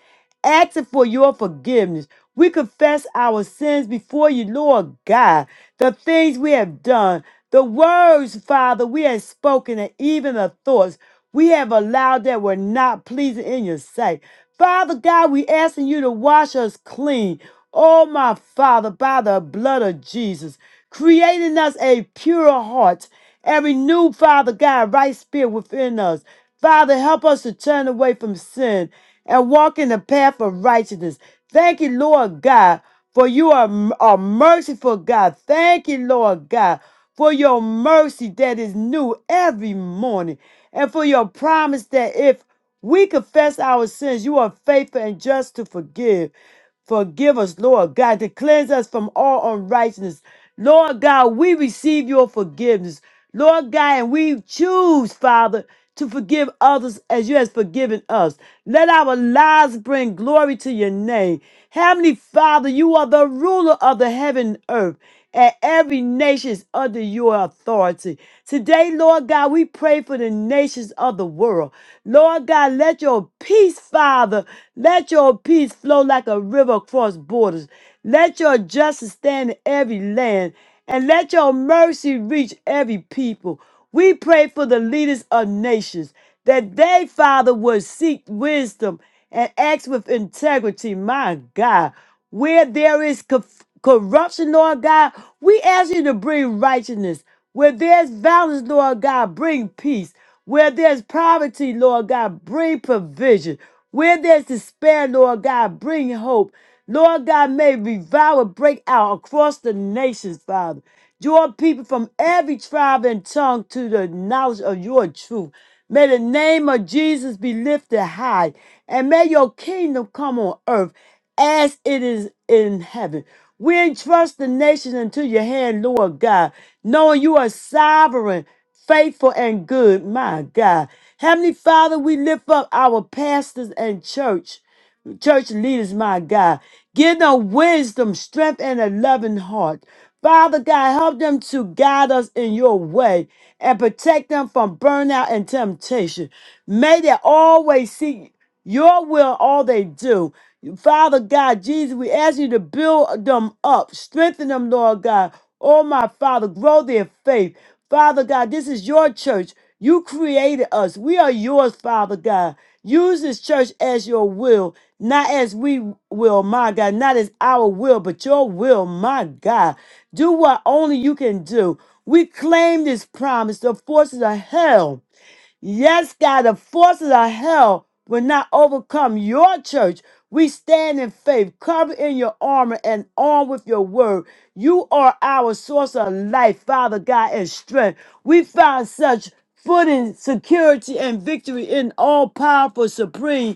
Speaker 1: asking for your forgiveness. We confess our sins before you, Lord God, the things we have done, the words, Father, we have spoken and even the thoughts we have allowed that were not pleasing in your sight. Father God, we asking you to wash us clean. Oh, my Father, by the blood of Jesus, creating us a pure heart and renew, Father God, right spirit within us. Father, help us to turn away from sin and walk in the path of righteousness. Thank you, Lord God, for you are a merciful God. Thank you, Lord God, for your mercy that is new every morning, and for your promise that if we confess our sins, you are faithful and just to forgive. Forgive us, Lord God, to cleanse us from all unrighteousness. Lord God, we receive your forgiveness. Lord God, and we choose, Father, to forgive others as you have forgiven us. Let our lives bring glory to your name. Heavenly Father, you are the ruler of the heaven and earth and every nation is under your authority. Today, Lord God, we pray for the nations of the world. Lord God, let your peace, Father, let your peace flow like a river across borders. Let your justice stand in every land, and let your mercy reach every people. We pray for the leaders of nations that they, Father, would seek wisdom and act with integrity. My God, where there is co- corruption, Lord God, we ask you to bring righteousness. Where there's violence, Lord God, bring peace. Where there's poverty, Lord God, bring provision. Where there's despair, Lord God, bring hope. Lord God, may revival break out across the nations, Father. Draw people from every tribe and tongue to the knowledge of your truth. May the name of Jesus be lifted high, and may your kingdom come on earth as it is in heaven. We entrust the nation into your hand, Lord God, knowing you are sovereign faithful and good. My God. Heavenly Father, we lift up our pastors and church church leaders, my God. Give them wisdom, strength, and a loving heart. Father God, help them to guide us in your way and protect them from burnout and temptation. May they always seek your will in all they do. Father God, Jesus, we ask you to build them up, strengthen them, Lord God. Oh, my Father, grow their faith. Father God, this is your church. You created us. We are yours, Father God. Use this church as your will. Not as we will, my God, not as our will, but your will, my God. Do what only you can do. We claim this promise. The forces of hell, yes, God, the forces of hell will not overcome your church. We stand in faith, covered in your armor and armed with your word. You are our source of life, Father God, and strength. We found such footing, security, and victory in all powerful, supreme.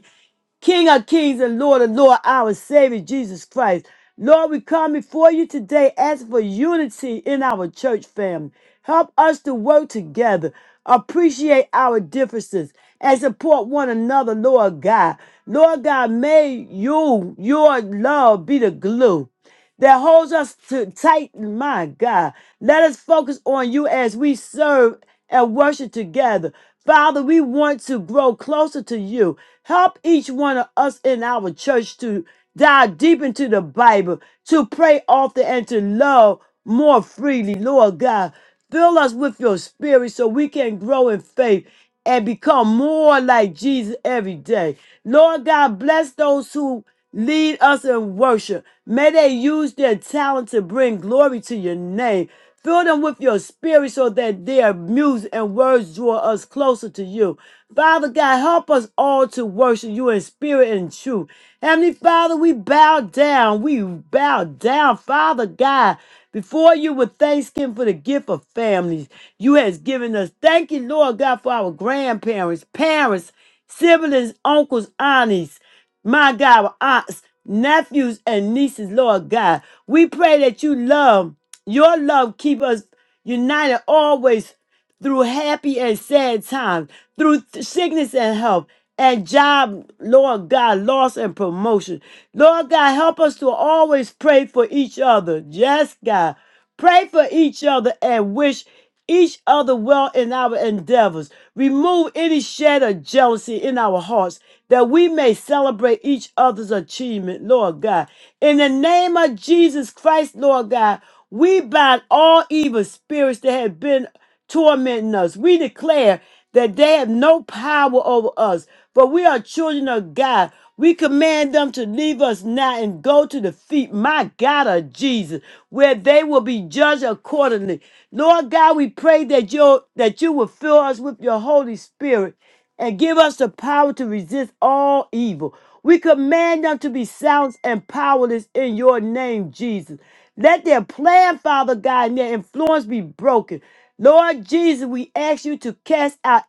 Speaker 1: King of kings and Lord of Lord, our Savior Jesus Christ. Lord, we come before you today asking for unity in our church family. Help us to work together, appreciate our differences, and support one another, Lord God. Lord God, may you, your love be the glue that holds us to tight. My God, let us focus on you as we serve and worship together. Father, we want to grow closer to you. Help each one of us in our church to dive deep into the Bible, to pray often, and to love more freely. Lord God, fill us with your spirit so we can grow in faith and become more like Jesus every day. Lord God, bless those who lead us in worship. May they use their talent to bring glory to your name. Fill them with your spirit so that their music and words draw us closer to you. Father God, help us all to worship you in spirit and truth. Heavenly Father, we bow down. We bow down, Father God. Before you were thanksgiving for the gift of families, you has given us. Thank you, Lord God, for our grandparents, parents, siblings, uncles, aunties, my God, our aunts, nephews, and nieces, Lord God. We pray that you love, your love keep us united always through happy and sad times, through th- sickness and health, and job, Lord God, loss and promotion. Lord God, help us to always pray for each other. Yes, God. Pray for each other and wish each other well in our endeavors. Remove any shade of jealousy in our hearts that we may celebrate each other's achievement, Lord God. In the name of Jesus Christ, Lord God, we bind all evil spirits that have been tormenting us. We declare that they have no power over us, for we are children of God. We command them to leave us now and go to the feet, my God of Jesus where they will be judged accordingly. Lord God, we pray that you that you will fill us with your Holy Spirit and give us the power to resist all evil. We command them to be silent and powerless in your name, Jesus. Let their plan, Father God, and their influence be broken. Lord Jesus, we ask you to cast out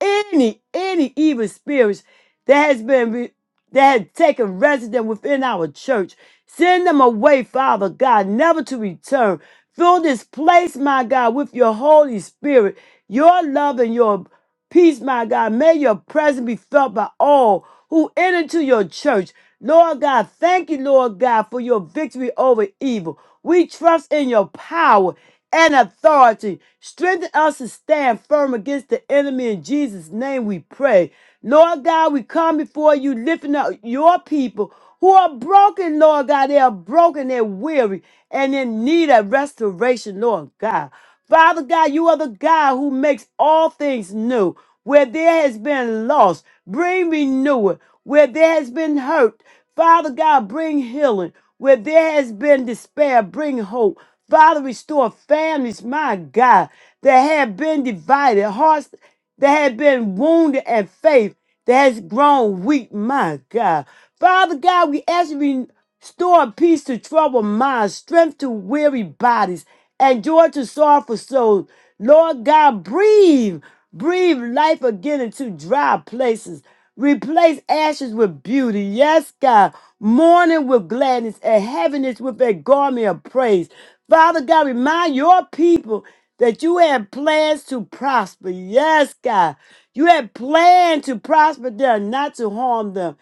Speaker 1: any any evil spirits that has been re- that has taken residence within our church. Send them away, Father God, never to return. Fill this place, my God, with your Holy Spirit, your love and your peace, my God. May your presence be felt by all who enter into your church. Lord God, thank you, Lord God, for your victory over evil. We trust in your power and authority. Strengthen us to stand firm against the enemy. In Jesus' name we pray. Lord God, we come before you lifting up your people who are broken, Lord God. They are broken, they're weary, and in need of restoration, Lord God. Father God, you are the God who makes all things new. Where there has been loss, bring renewal. Where there has been hurt, Father God, bring healing. Where there has been despair, bring hope. Father, restore families, my God, that have been divided, hearts that had been wounded in faith that has grown weak. My God. Father God, we ask you to restore peace to troubled minds, strength to weary bodies, and joy to sorrowful souls. Lord God, breathe, breathe life again into dry places. Replace ashes with beauty. Yes, God. Mourning with gladness and heaviness with a garment of praise. Father God, remind your people that you had plans to prosper. Yes, God. You had planned to prosper them, not to harm them,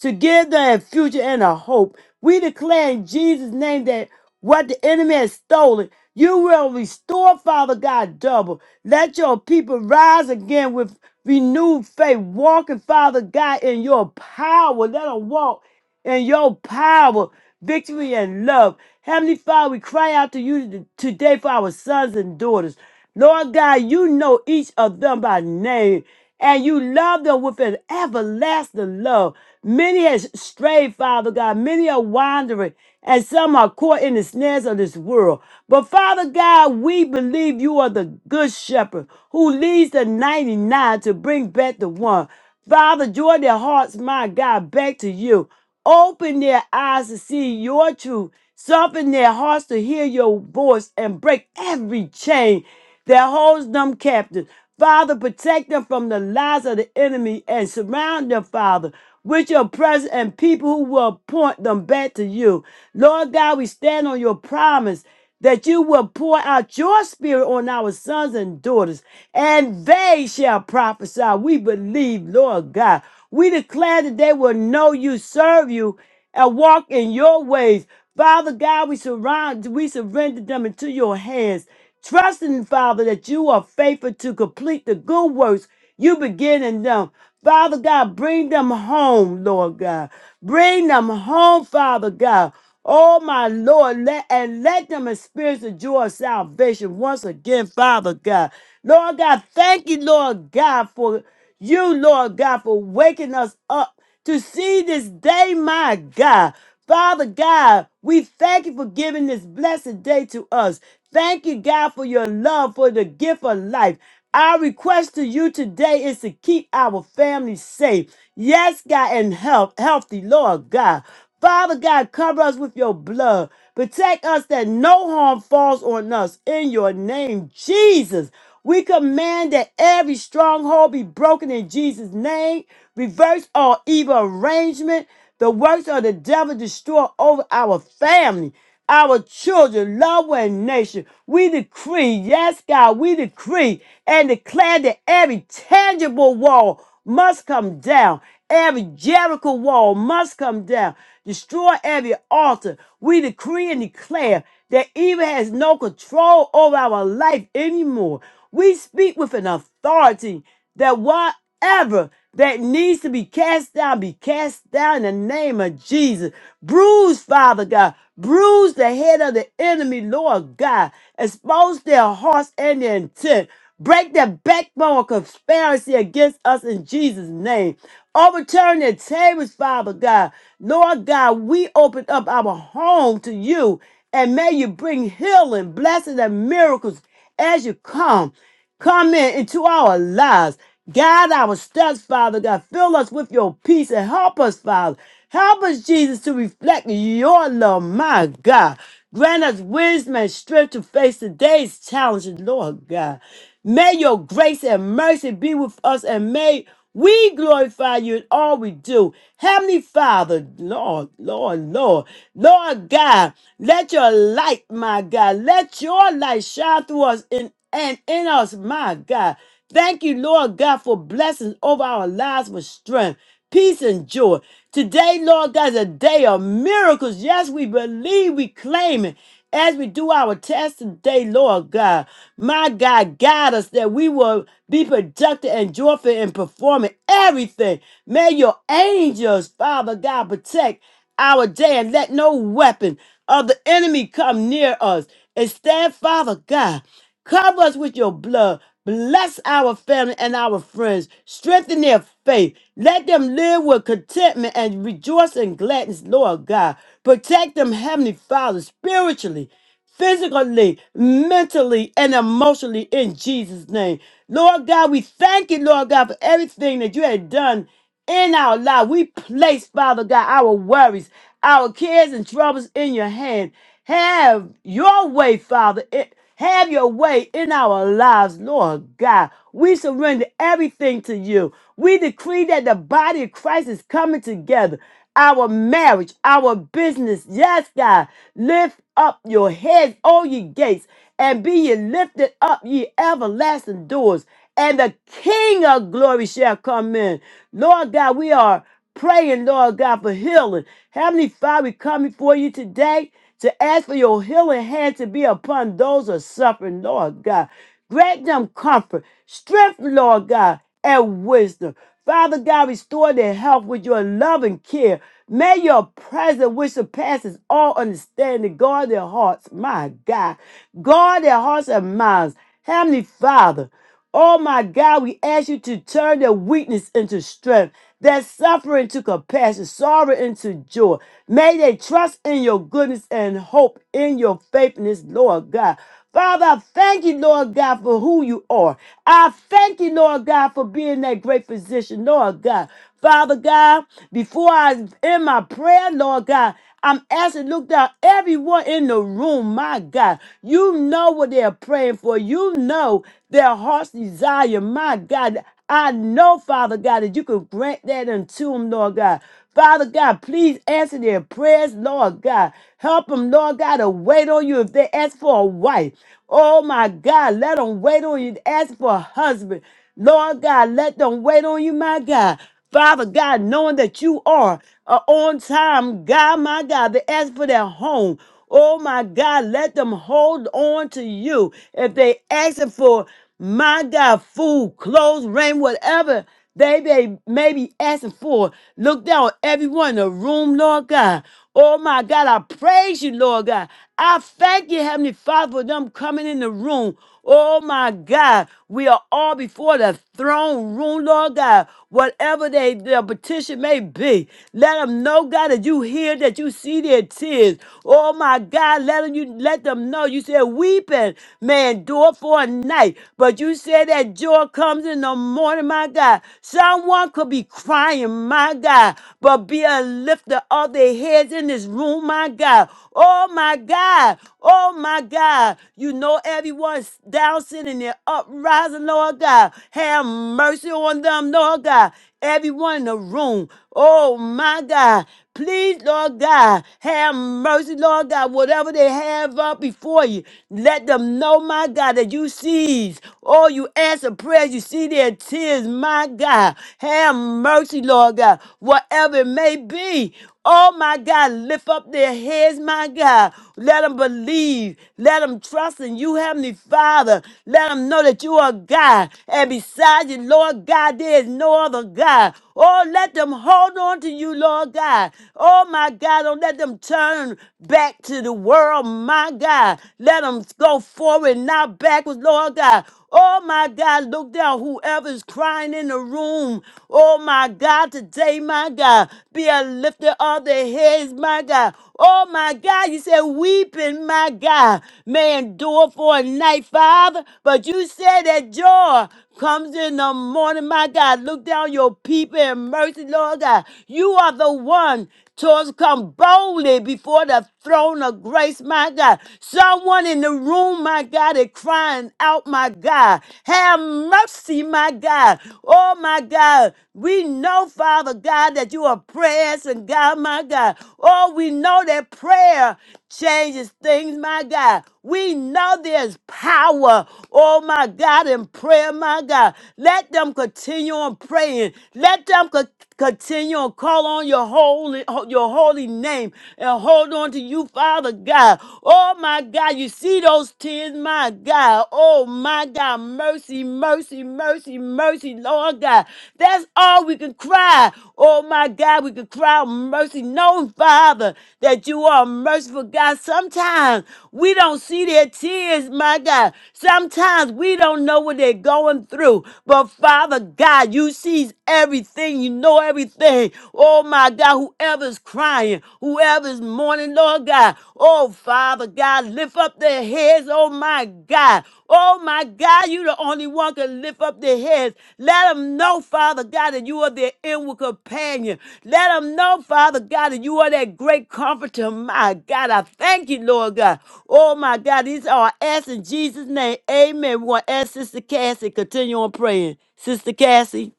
Speaker 1: to give them a future and a hope. We declare in Jesus' name that what the enemy has stolen, you will restore, Father God, double. Let your people rise again with renewed faith, walking, Father God, in your power. Let them walk in your power, victory, and love. Heavenly Father, we cry out to you today for our sons and daughters. Lord God, you know each of them by name, and you love them with an everlasting love. Many has strayed, Father God. Many are wandering, and some are caught in the snares of this world. But Father God, we believe you are the good shepherd who leads the 99 to bring back the one. Father, join their hearts, my God, back to you. Open their eyes to see your truth. Soften their hearts to hear your voice and break every chain that holds them captive. Father, protect them from the lies of the enemy and surround them, Father, with your presence and people who will point them back to you. Lord God, we stand on your promise that you will pour out your spirit on our sons and daughters and they shall prophesy. We believe, Lord God. We declare that they will know you, serve you, and walk in your ways. Father God, we surround, we surrender them into your hands. Trusting, Father, that you are faithful to complete the good works you begin in them. Father God, bring them home, Lord God. Bring them home, Father God. Oh, my Lord, let, and let them experience the joy of salvation once again, Father God. Lord God, thank you, Lord God, for you, Lord God, for waking us up to see this day, my God. Father God, we thank you for giving this blessed day to us. Thank you, God, for your love, for the gift of life. Our request to you today is to keep our family safe. Yes, God, and health, healthy, Lord God. Father God, cover us with your blood. Protect us that no harm falls on us. In your name, Jesus. We command that every stronghold be broken in Jesus' name. Reverse all evil arrangement. The works of the devil destroy over our family our children, Love and nation. We decree, yes, God, we decree and declare that every tangible wall must come down. Every Jericho wall must come down. Destroy every altar. We decree and declare that evil has no control over our life anymore. We speak with an authority that what? Whatever that needs to be cast down, be cast down in the name of Jesus. Bruise, Father God. Bruise the head of the enemy, Lord God. Expose their hearts and their intent. Break the backbone of conspiracy against us in Jesus' name. Overturn the tables, Father God. Lord God, we open up our home to you and may you bring healing, blessings, and miracles as you come. Come in into our lives. Guide our steps, Father God. Fill us with your peace and help us, Father. Help us, Jesus, to reflect your love, my God. Grant us wisdom and strength to face today's challenges, Lord God. May your grace and mercy be with us and may we glorify you in all we do. Heavenly Father, Lord, Lord, Lord, Lord God, let your light, my God, let your light shine through us in, and in us, my God. Thank you, Lord God, for blessings over our lives with strength, peace, and joy. Today, Lord God, is a day of miracles. Yes, we believe, we claim it. As we do our test today, Lord God, my God, guide us that we will be productive and joyful in performing everything. May your angels, Father God, protect our day and let no weapon of the enemy come near us. And stand, Father God. Cover us with your blood. Bless our family and our friends. Strengthen their faith. Let them live with contentment and rejoice in gladness, Lord God. Protect them, Heavenly Father, spiritually, physically, mentally, and emotionally in Jesus' name. Lord God, we thank you, Lord God, for everything that you had done in our life. We place, Father God, our worries, our cares and troubles in your hand. Have your way, Father. It- have your way in our lives, Lord God. We surrender everything to you. We decree that the body of Christ is coming together. Our marriage, our business, yes, God. Lift up your heads, O ye gates, and be ye lifted up, ye everlasting doors, and the King of glory shall come in. Lord God, we are praying, Lord God, for healing. Heavenly Father, we come before you today to ask for your healing hand to be upon those who are suffering, Lord God. Grant them comfort, strength, Lord God, and wisdom. Father God, restore their health with your loving care. May your presence, which surpasses all understanding, guard their hearts, my God. Guard their hearts and minds. Heavenly Father, Oh my God, we ask you to turn their weakness into strength, their suffering to compassion, sorrow into joy. May they trust in your goodness and hope in your faithfulness, Lord God. Father, I thank you, Lord God, for who you are. I thank you, Lord God, for being that great physician, Lord God. Father God. Before I in my prayer, Lord God, I'm asking, look down, everyone in the room, my God, you know what they're praying for. You know their heart's desire, my God. I know, Father God, that you could grant that unto them, Lord God. Father God, please answer their prayers, Lord God. Help them, Lord God, to wait on you if they ask for a wife. Oh, my God, let them wait on you. Ask for a husband. Lord God, let them wait on you, my God. Father God, knowing that you are uh, on time, God, my God, they ask for their home. Oh my God, let them hold on to you. If they asking for my God, food, clothes, rain, whatever they may, may be asking for, look down on everyone in the room, Lord God. Oh my God, I praise you, Lord God. I thank you, Heavenly Father, for them coming in the room. Oh my God. We are all before the throne room, Lord God. Whatever they, their petition may be, let them know, God, that you hear, that you see their tears. Oh my God, let them, you let them know. You said weeping may endure for a night, but you said that joy comes in the morning, my God. Someone could be crying, my God, but be a lifter of their heads in this room, my God. Oh my God. oh. Oh my God, you know everyone's down sitting there uprising, Lord God. Have mercy on them, Lord God. Everyone in the room. Oh my God. Please, Lord God, have mercy, Lord God. Whatever they have up before you, let them know, my God, that you sees. Oh, you answer prayers. You see their tears, my God. Have mercy, Lord God. Whatever it may be. Oh my God, lift up their heads, my God. Let them believe. Let them trust in you, Heavenly Father. Let them know that you are God. And beside you, Lord God, there is no other God. Oh, let them hold on to you, Lord God. Oh my God, don't let them turn back to the world, my God. Let them go forward, not backwards, Lord God. Oh my God, look down. Whoever's crying in the room. Oh my God, today, my God, be a lifter of the heads, my God. Oh my God, you said weeping, my God, may endure for a night, Father. But you said that joy comes in the morning, my God. Look down your people in mercy, Lord God. You are the one to us come boldly before the throne of grace, my God. Someone in the room, my God, is crying out, my God. Have mercy, my God. Oh, my God. We know, Father God, that you are prayers and God, my God. Oh, we know that prayer changes things, my God. We know there's power, oh my God, in prayer, my God. Let them continue on praying. Let them co- continue on call on your holy your holy name and hold on to you, Father God. Oh my God, you see those tears, my God. Oh my God, mercy, mercy, mercy, mercy, Lord. Lord God. That's all we can cry. Oh my God, we can cry mercy. No, Father, that you are merciful, God. Sometimes we don't see their tears, my God. Sometimes we don't know what they're going through. But Father God, you sees everything. You know everything. Oh my God, whoever's crying, whoever's mourning, Lord God. Oh Father God, lift up their heads, oh my God. Oh my God, you the only one can lift up their heads. Let them know, Father God, that you are their inward companion. Let them know, Father God, that you are that great comforter. My God, I thank you, Lord God. Oh my God, these are our in Jesus' name. Amen. We want to ask Sister Cassie, continue on praying. Sister Cassie.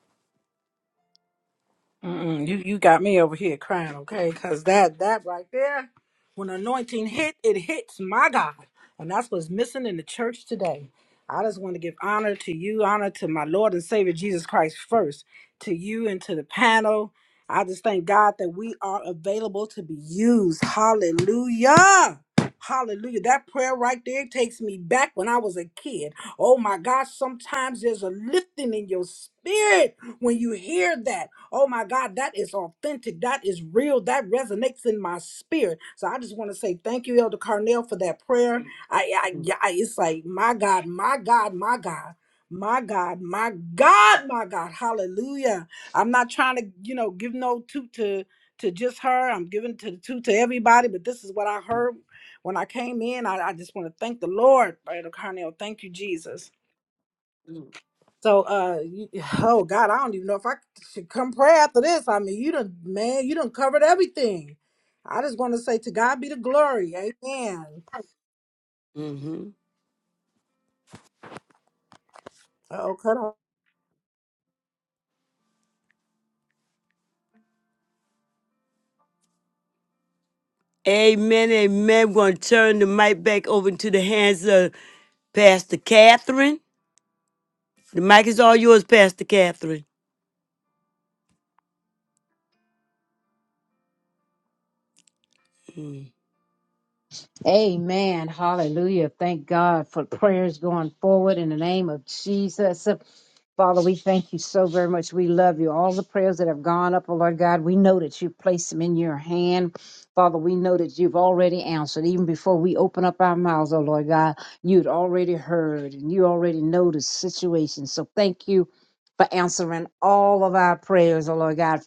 Speaker 5: Mm-mm, you you got me over here crying, okay? Cause that that right there, when anointing hit, it hits my God, and that's what's missing in the church today. I just want to give honor to you, honor to my Lord and Savior Jesus Christ first, to you and to the panel. I just thank God that we are available to be used. Hallelujah. Hallelujah. That prayer right there takes me back when I was a kid. Oh my God, sometimes there's a lifting in your spirit when you hear that, oh my God, that is authentic. That is real. That resonates in my spirit. So I just want to say thank you, Elder Carnell, for that prayer. I, I, yeah, I- it's like my God, my God, my God. My God, my God, my God, hallelujah. I'm not trying to, you know, give no toot to to just her. I'm giving to two to everybody, but this is what I heard when I came in. I, I just want to thank the Lord, Elder Carnell. Thank you, Jesus. So, uh, you, oh God, I don't even know if I should come pray after this. I mean, you done, man, you done covered everything. I just want to say to God be the glory. Amen.
Speaker 1: hmm
Speaker 5: Oh, cut off.
Speaker 1: Amen. Amen. We're going to turn the mic back over to the hands of Pastor Catherine. The mic is all yours, Pastor Catherine. Mm.
Speaker 6: Amen. Hallelujah. Thank God for prayers going forward in the name of Jesus. Father, we thank you so very much. We love you. All the prayers that have gone up, oh Lord God, we know that you placed them in your hand. Father, we know that you've already answered. Even before we open up our mouths, oh Lord God, you'd already heard and you already know the situation. So thank you for answering all of our prayers, oh Lord God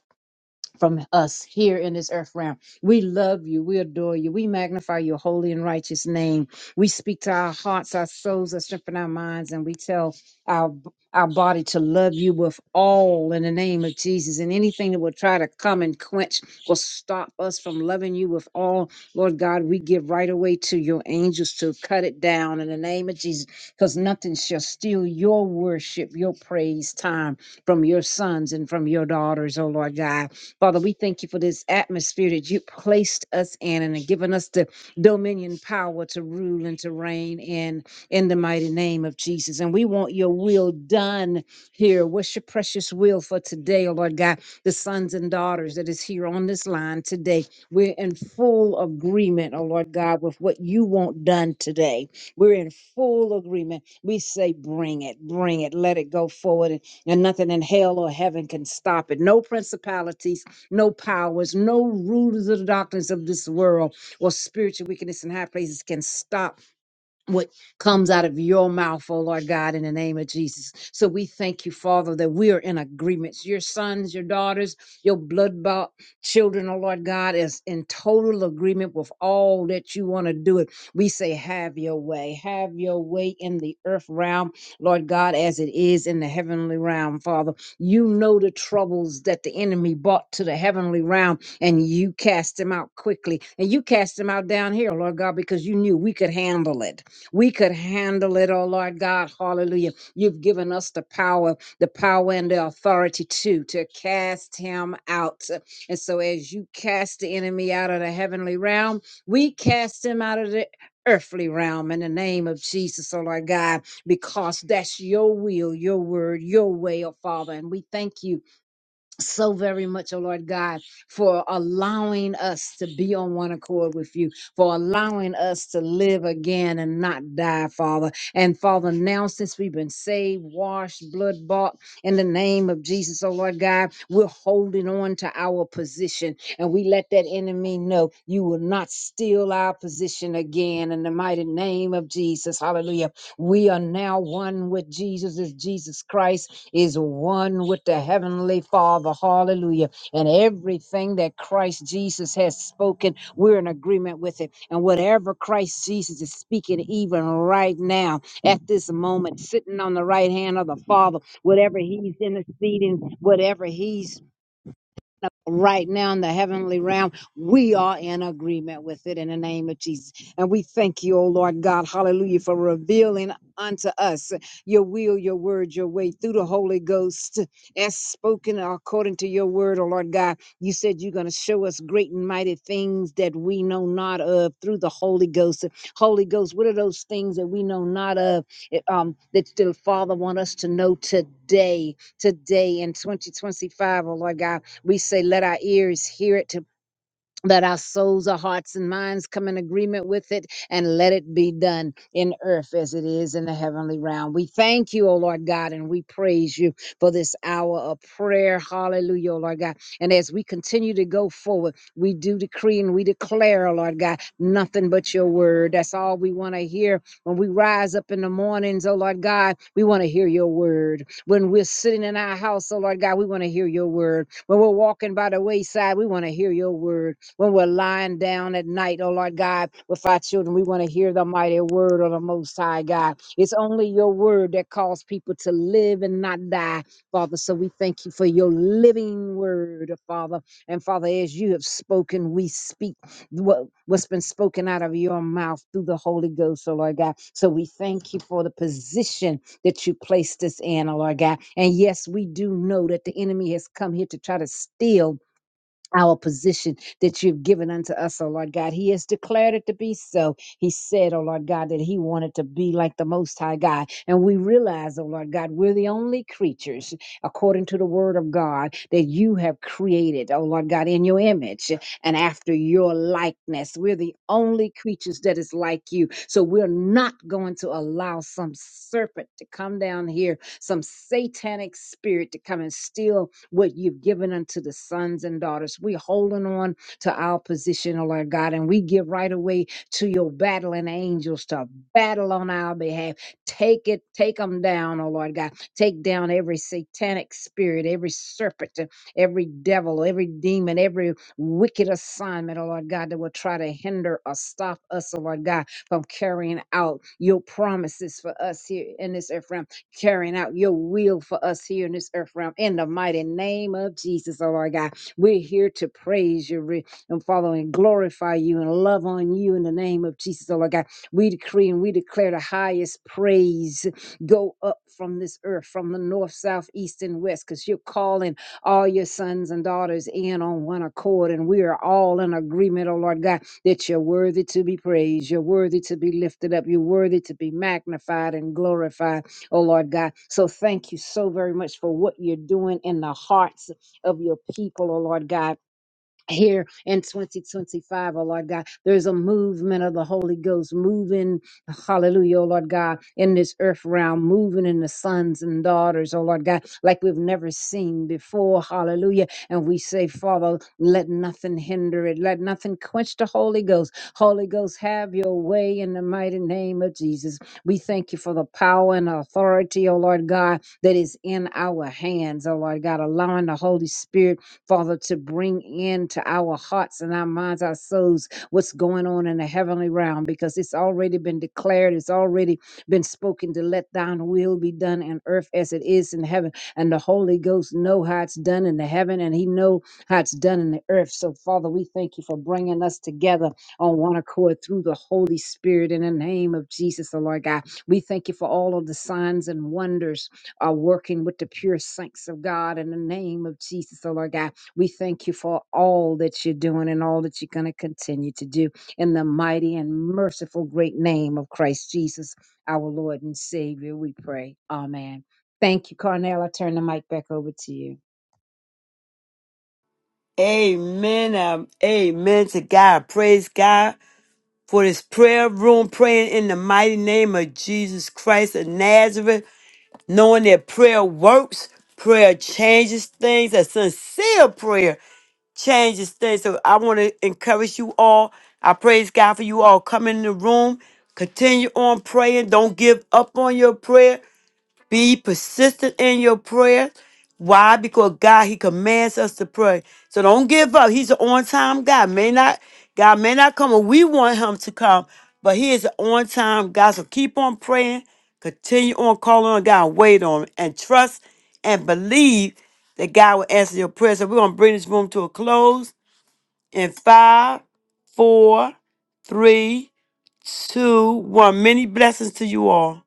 Speaker 6: from us here in this earth realm. We love you. We adore you. We magnify your holy and righteous name. We speak to our hearts, our souls, our strength, and our minds, and we tell our our body to love you with all in the name of Jesus. And anything that will try to come and quench or stop us from loving you with all, Lord God, we give right away to your angels to cut it down in the name of Jesus, because nothing shall steal your worship, your praise time from your sons and from your daughters, oh Lord God. Father, we thank you for this atmosphere that you placed us in and given us the dominion power to rule and to reign in, in the mighty name of Jesus. And we want your will done here. What's your precious will for today, oh Lord God? The sons and daughters that is here on this line today, we're in full agreement, oh Lord God, with what you want done today. We're in full agreement. We say, bring it, bring it, let it go forward, and, and nothing in hell or heaven can stop it. No principalities no powers, no rulers of the darkness of this world or spiritual wickedness in high places can stop what comes out of your mouth, oh Lord God, in the name of Jesus. So we thank you, Father, that we are in agreements. Your sons, your daughters, your blood bought children, oh Lord God, is in total agreement with all that you want to do it. We say, have your way, have your way in the earth realm, Lord God, as it is in the heavenly realm, Father. You know the troubles that the enemy brought to the heavenly realm, and you cast them out quickly. And you cast them out down here, Lord God, because you knew we could handle it. We could handle it, oh Lord God. Hallelujah. You've given us the power, the power and the authority to, to cast him out. And so as you cast the enemy out of the heavenly realm, we cast him out of the earthly realm in the name of Jesus, oh Lord God, because that's your will, your word, your way, oh Father. And we thank you so very much, oh Lord God, for allowing us to be on one accord with you, for allowing us to live again and not die, Father. And Father, now since we've been saved, washed, blood bought in the name of Jesus, oh Lord God, we're holding on to our position and we let that enemy know you will not steal our position again in the mighty name of Jesus. Hallelujah. We are now one with Jesus, is Jesus Christ is one with the Heavenly Father. Hallelujah. And everything that Christ Jesus has spoken, we're in agreement with it. And whatever Christ Jesus is speaking, even right now, at this moment, sitting on the right hand of the Father, whatever He's interceding, whatever He's right now in the heavenly realm. We are in agreement with it in the name of Jesus. And we thank you, O Lord God, hallelujah, for revealing unto us your will, your word, your way through the Holy Ghost as spoken according to your word, O Lord God. You said you're going to show us great and mighty things that we know not of through the Holy Ghost. Holy Ghost, what are those things that we know not of it, um, that the Father want us to know today, today in 2025, O Lord God? We say, let our ears hear it to that our souls, our hearts, and minds come in agreement with it and let it be done in earth as it is in the heavenly realm. We thank you, O Lord God, and we praise you for this hour of prayer. Hallelujah, O Lord God. And as we continue to go forward, we do decree and we declare, O Lord God, nothing but your word. That's all we want to hear. When we rise up in the mornings, O Lord God, we want to hear your word. When we're sitting in our house, O Lord God, we want to hear your word. When we're walking by the wayside, we want to hear your word when we're lying down at night, oh Lord God, with our children. We want to hear the mighty word of the Most High God. It's only your word that calls people to live and not die, Father. So we thank you for your living word, Father. And Father, as you have spoken, we speak what, what's been spoken out of your mouth through the Holy Ghost, oh Lord God. So we thank you for the position that you placed us in, oh Lord God. And yes, we do know that the enemy has come here to try to steal our position that you've given unto us, O Lord God. He has declared it to be so. He said, O Lord God, that he wanted to be like the Most High God. And we realize, O Lord God, we're the only creatures, according to the word of God, that you have created, O Lord God, in your image and after your likeness. We're the only creatures that is like you. So we're not going to allow some serpent to come down here, some satanic spirit to come and steal what you've given unto the sons and daughters. We're holding on to our position, oh Lord God, and we give right away to your battling angels to battle on our behalf. Take it, take them down, oh Lord God. Take down every satanic spirit, every serpent, uh, every devil, every demon, every wicked assignment, oh Lord God, that will try to hinder or stop us, oh Lord God, from carrying out your promises for us here in this earth realm carrying out your will for us here in this earth realm. In the mighty name of Jesus, oh Lord God, we're here to praise you re- and follow and glorify you and love on you in the name of Jesus, oh Lord God. We decree and we declare the highest praise go up from this earth, from the north, south, east, and west, because you're calling all your sons and daughters in on one accord. And we are all in agreement, oh Lord God, that you're worthy to be praised, you're worthy to be lifted up, you're worthy to be magnified and glorified oh Lord God. So thank you so very much for what you're doing in the hearts of your people, oh Lord God here in 2025, O Lord God. There's a movement of the Holy Ghost moving, hallelujah, oh Lord God, in this earth realm, moving in the sons and daughters, oh Lord God, like we've never seen before, hallelujah. And we say, Father, let nothing hinder it, let nothing quench the Holy Ghost. Holy Ghost, have your way in the mighty name of Jesus. We thank you for the power and authority, oh Lord God, that is in our hands, oh Lord God, allowing the Holy Spirit Father, to bring into our hearts and our minds, our souls, what's going on in the heavenly realm because it's already been declared, it's already been spoken to let thine will be done in earth as it is in heaven. And the Holy Ghost know how it's done in the heaven and he know how it's done in the earth. So Father, we thank you for bringing us together on one accord through the Holy Spirit in the name of Jesus, the Lord God. We thank you for all of the signs and wonders are working with the pure saints of God in the name of Jesus, the Lord God. We thank you for all that you're doing and all that you're going to continue to do in the mighty and merciful great name of Christ Jesus, our Lord and Savior. We pray. Amen. Thank you, Carnell. I turn the mic back over to you.
Speaker 1: Amen. Um, amen to God. Praise God for this prayer room, praying in the mighty name of Jesus Christ of Nazareth, knowing that prayer works, prayer changes things, a sincere prayer. changes things. So I want to encourage you all. I praise God for you all coming in the room. Continue on praying. Don't give up on your prayer. Be persistent in your prayer. Why? Because God, He commands us to pray. So don't give up. He's an on-time God. May not God may not come when we want Him to come, but He is an on-time God. So keep on praying, continue on calling on God, wait on Him, and trust and believe that God will answer your prayer. So we're gonna bring this room to a close in five, four, three, two, one. Many blessings to you all.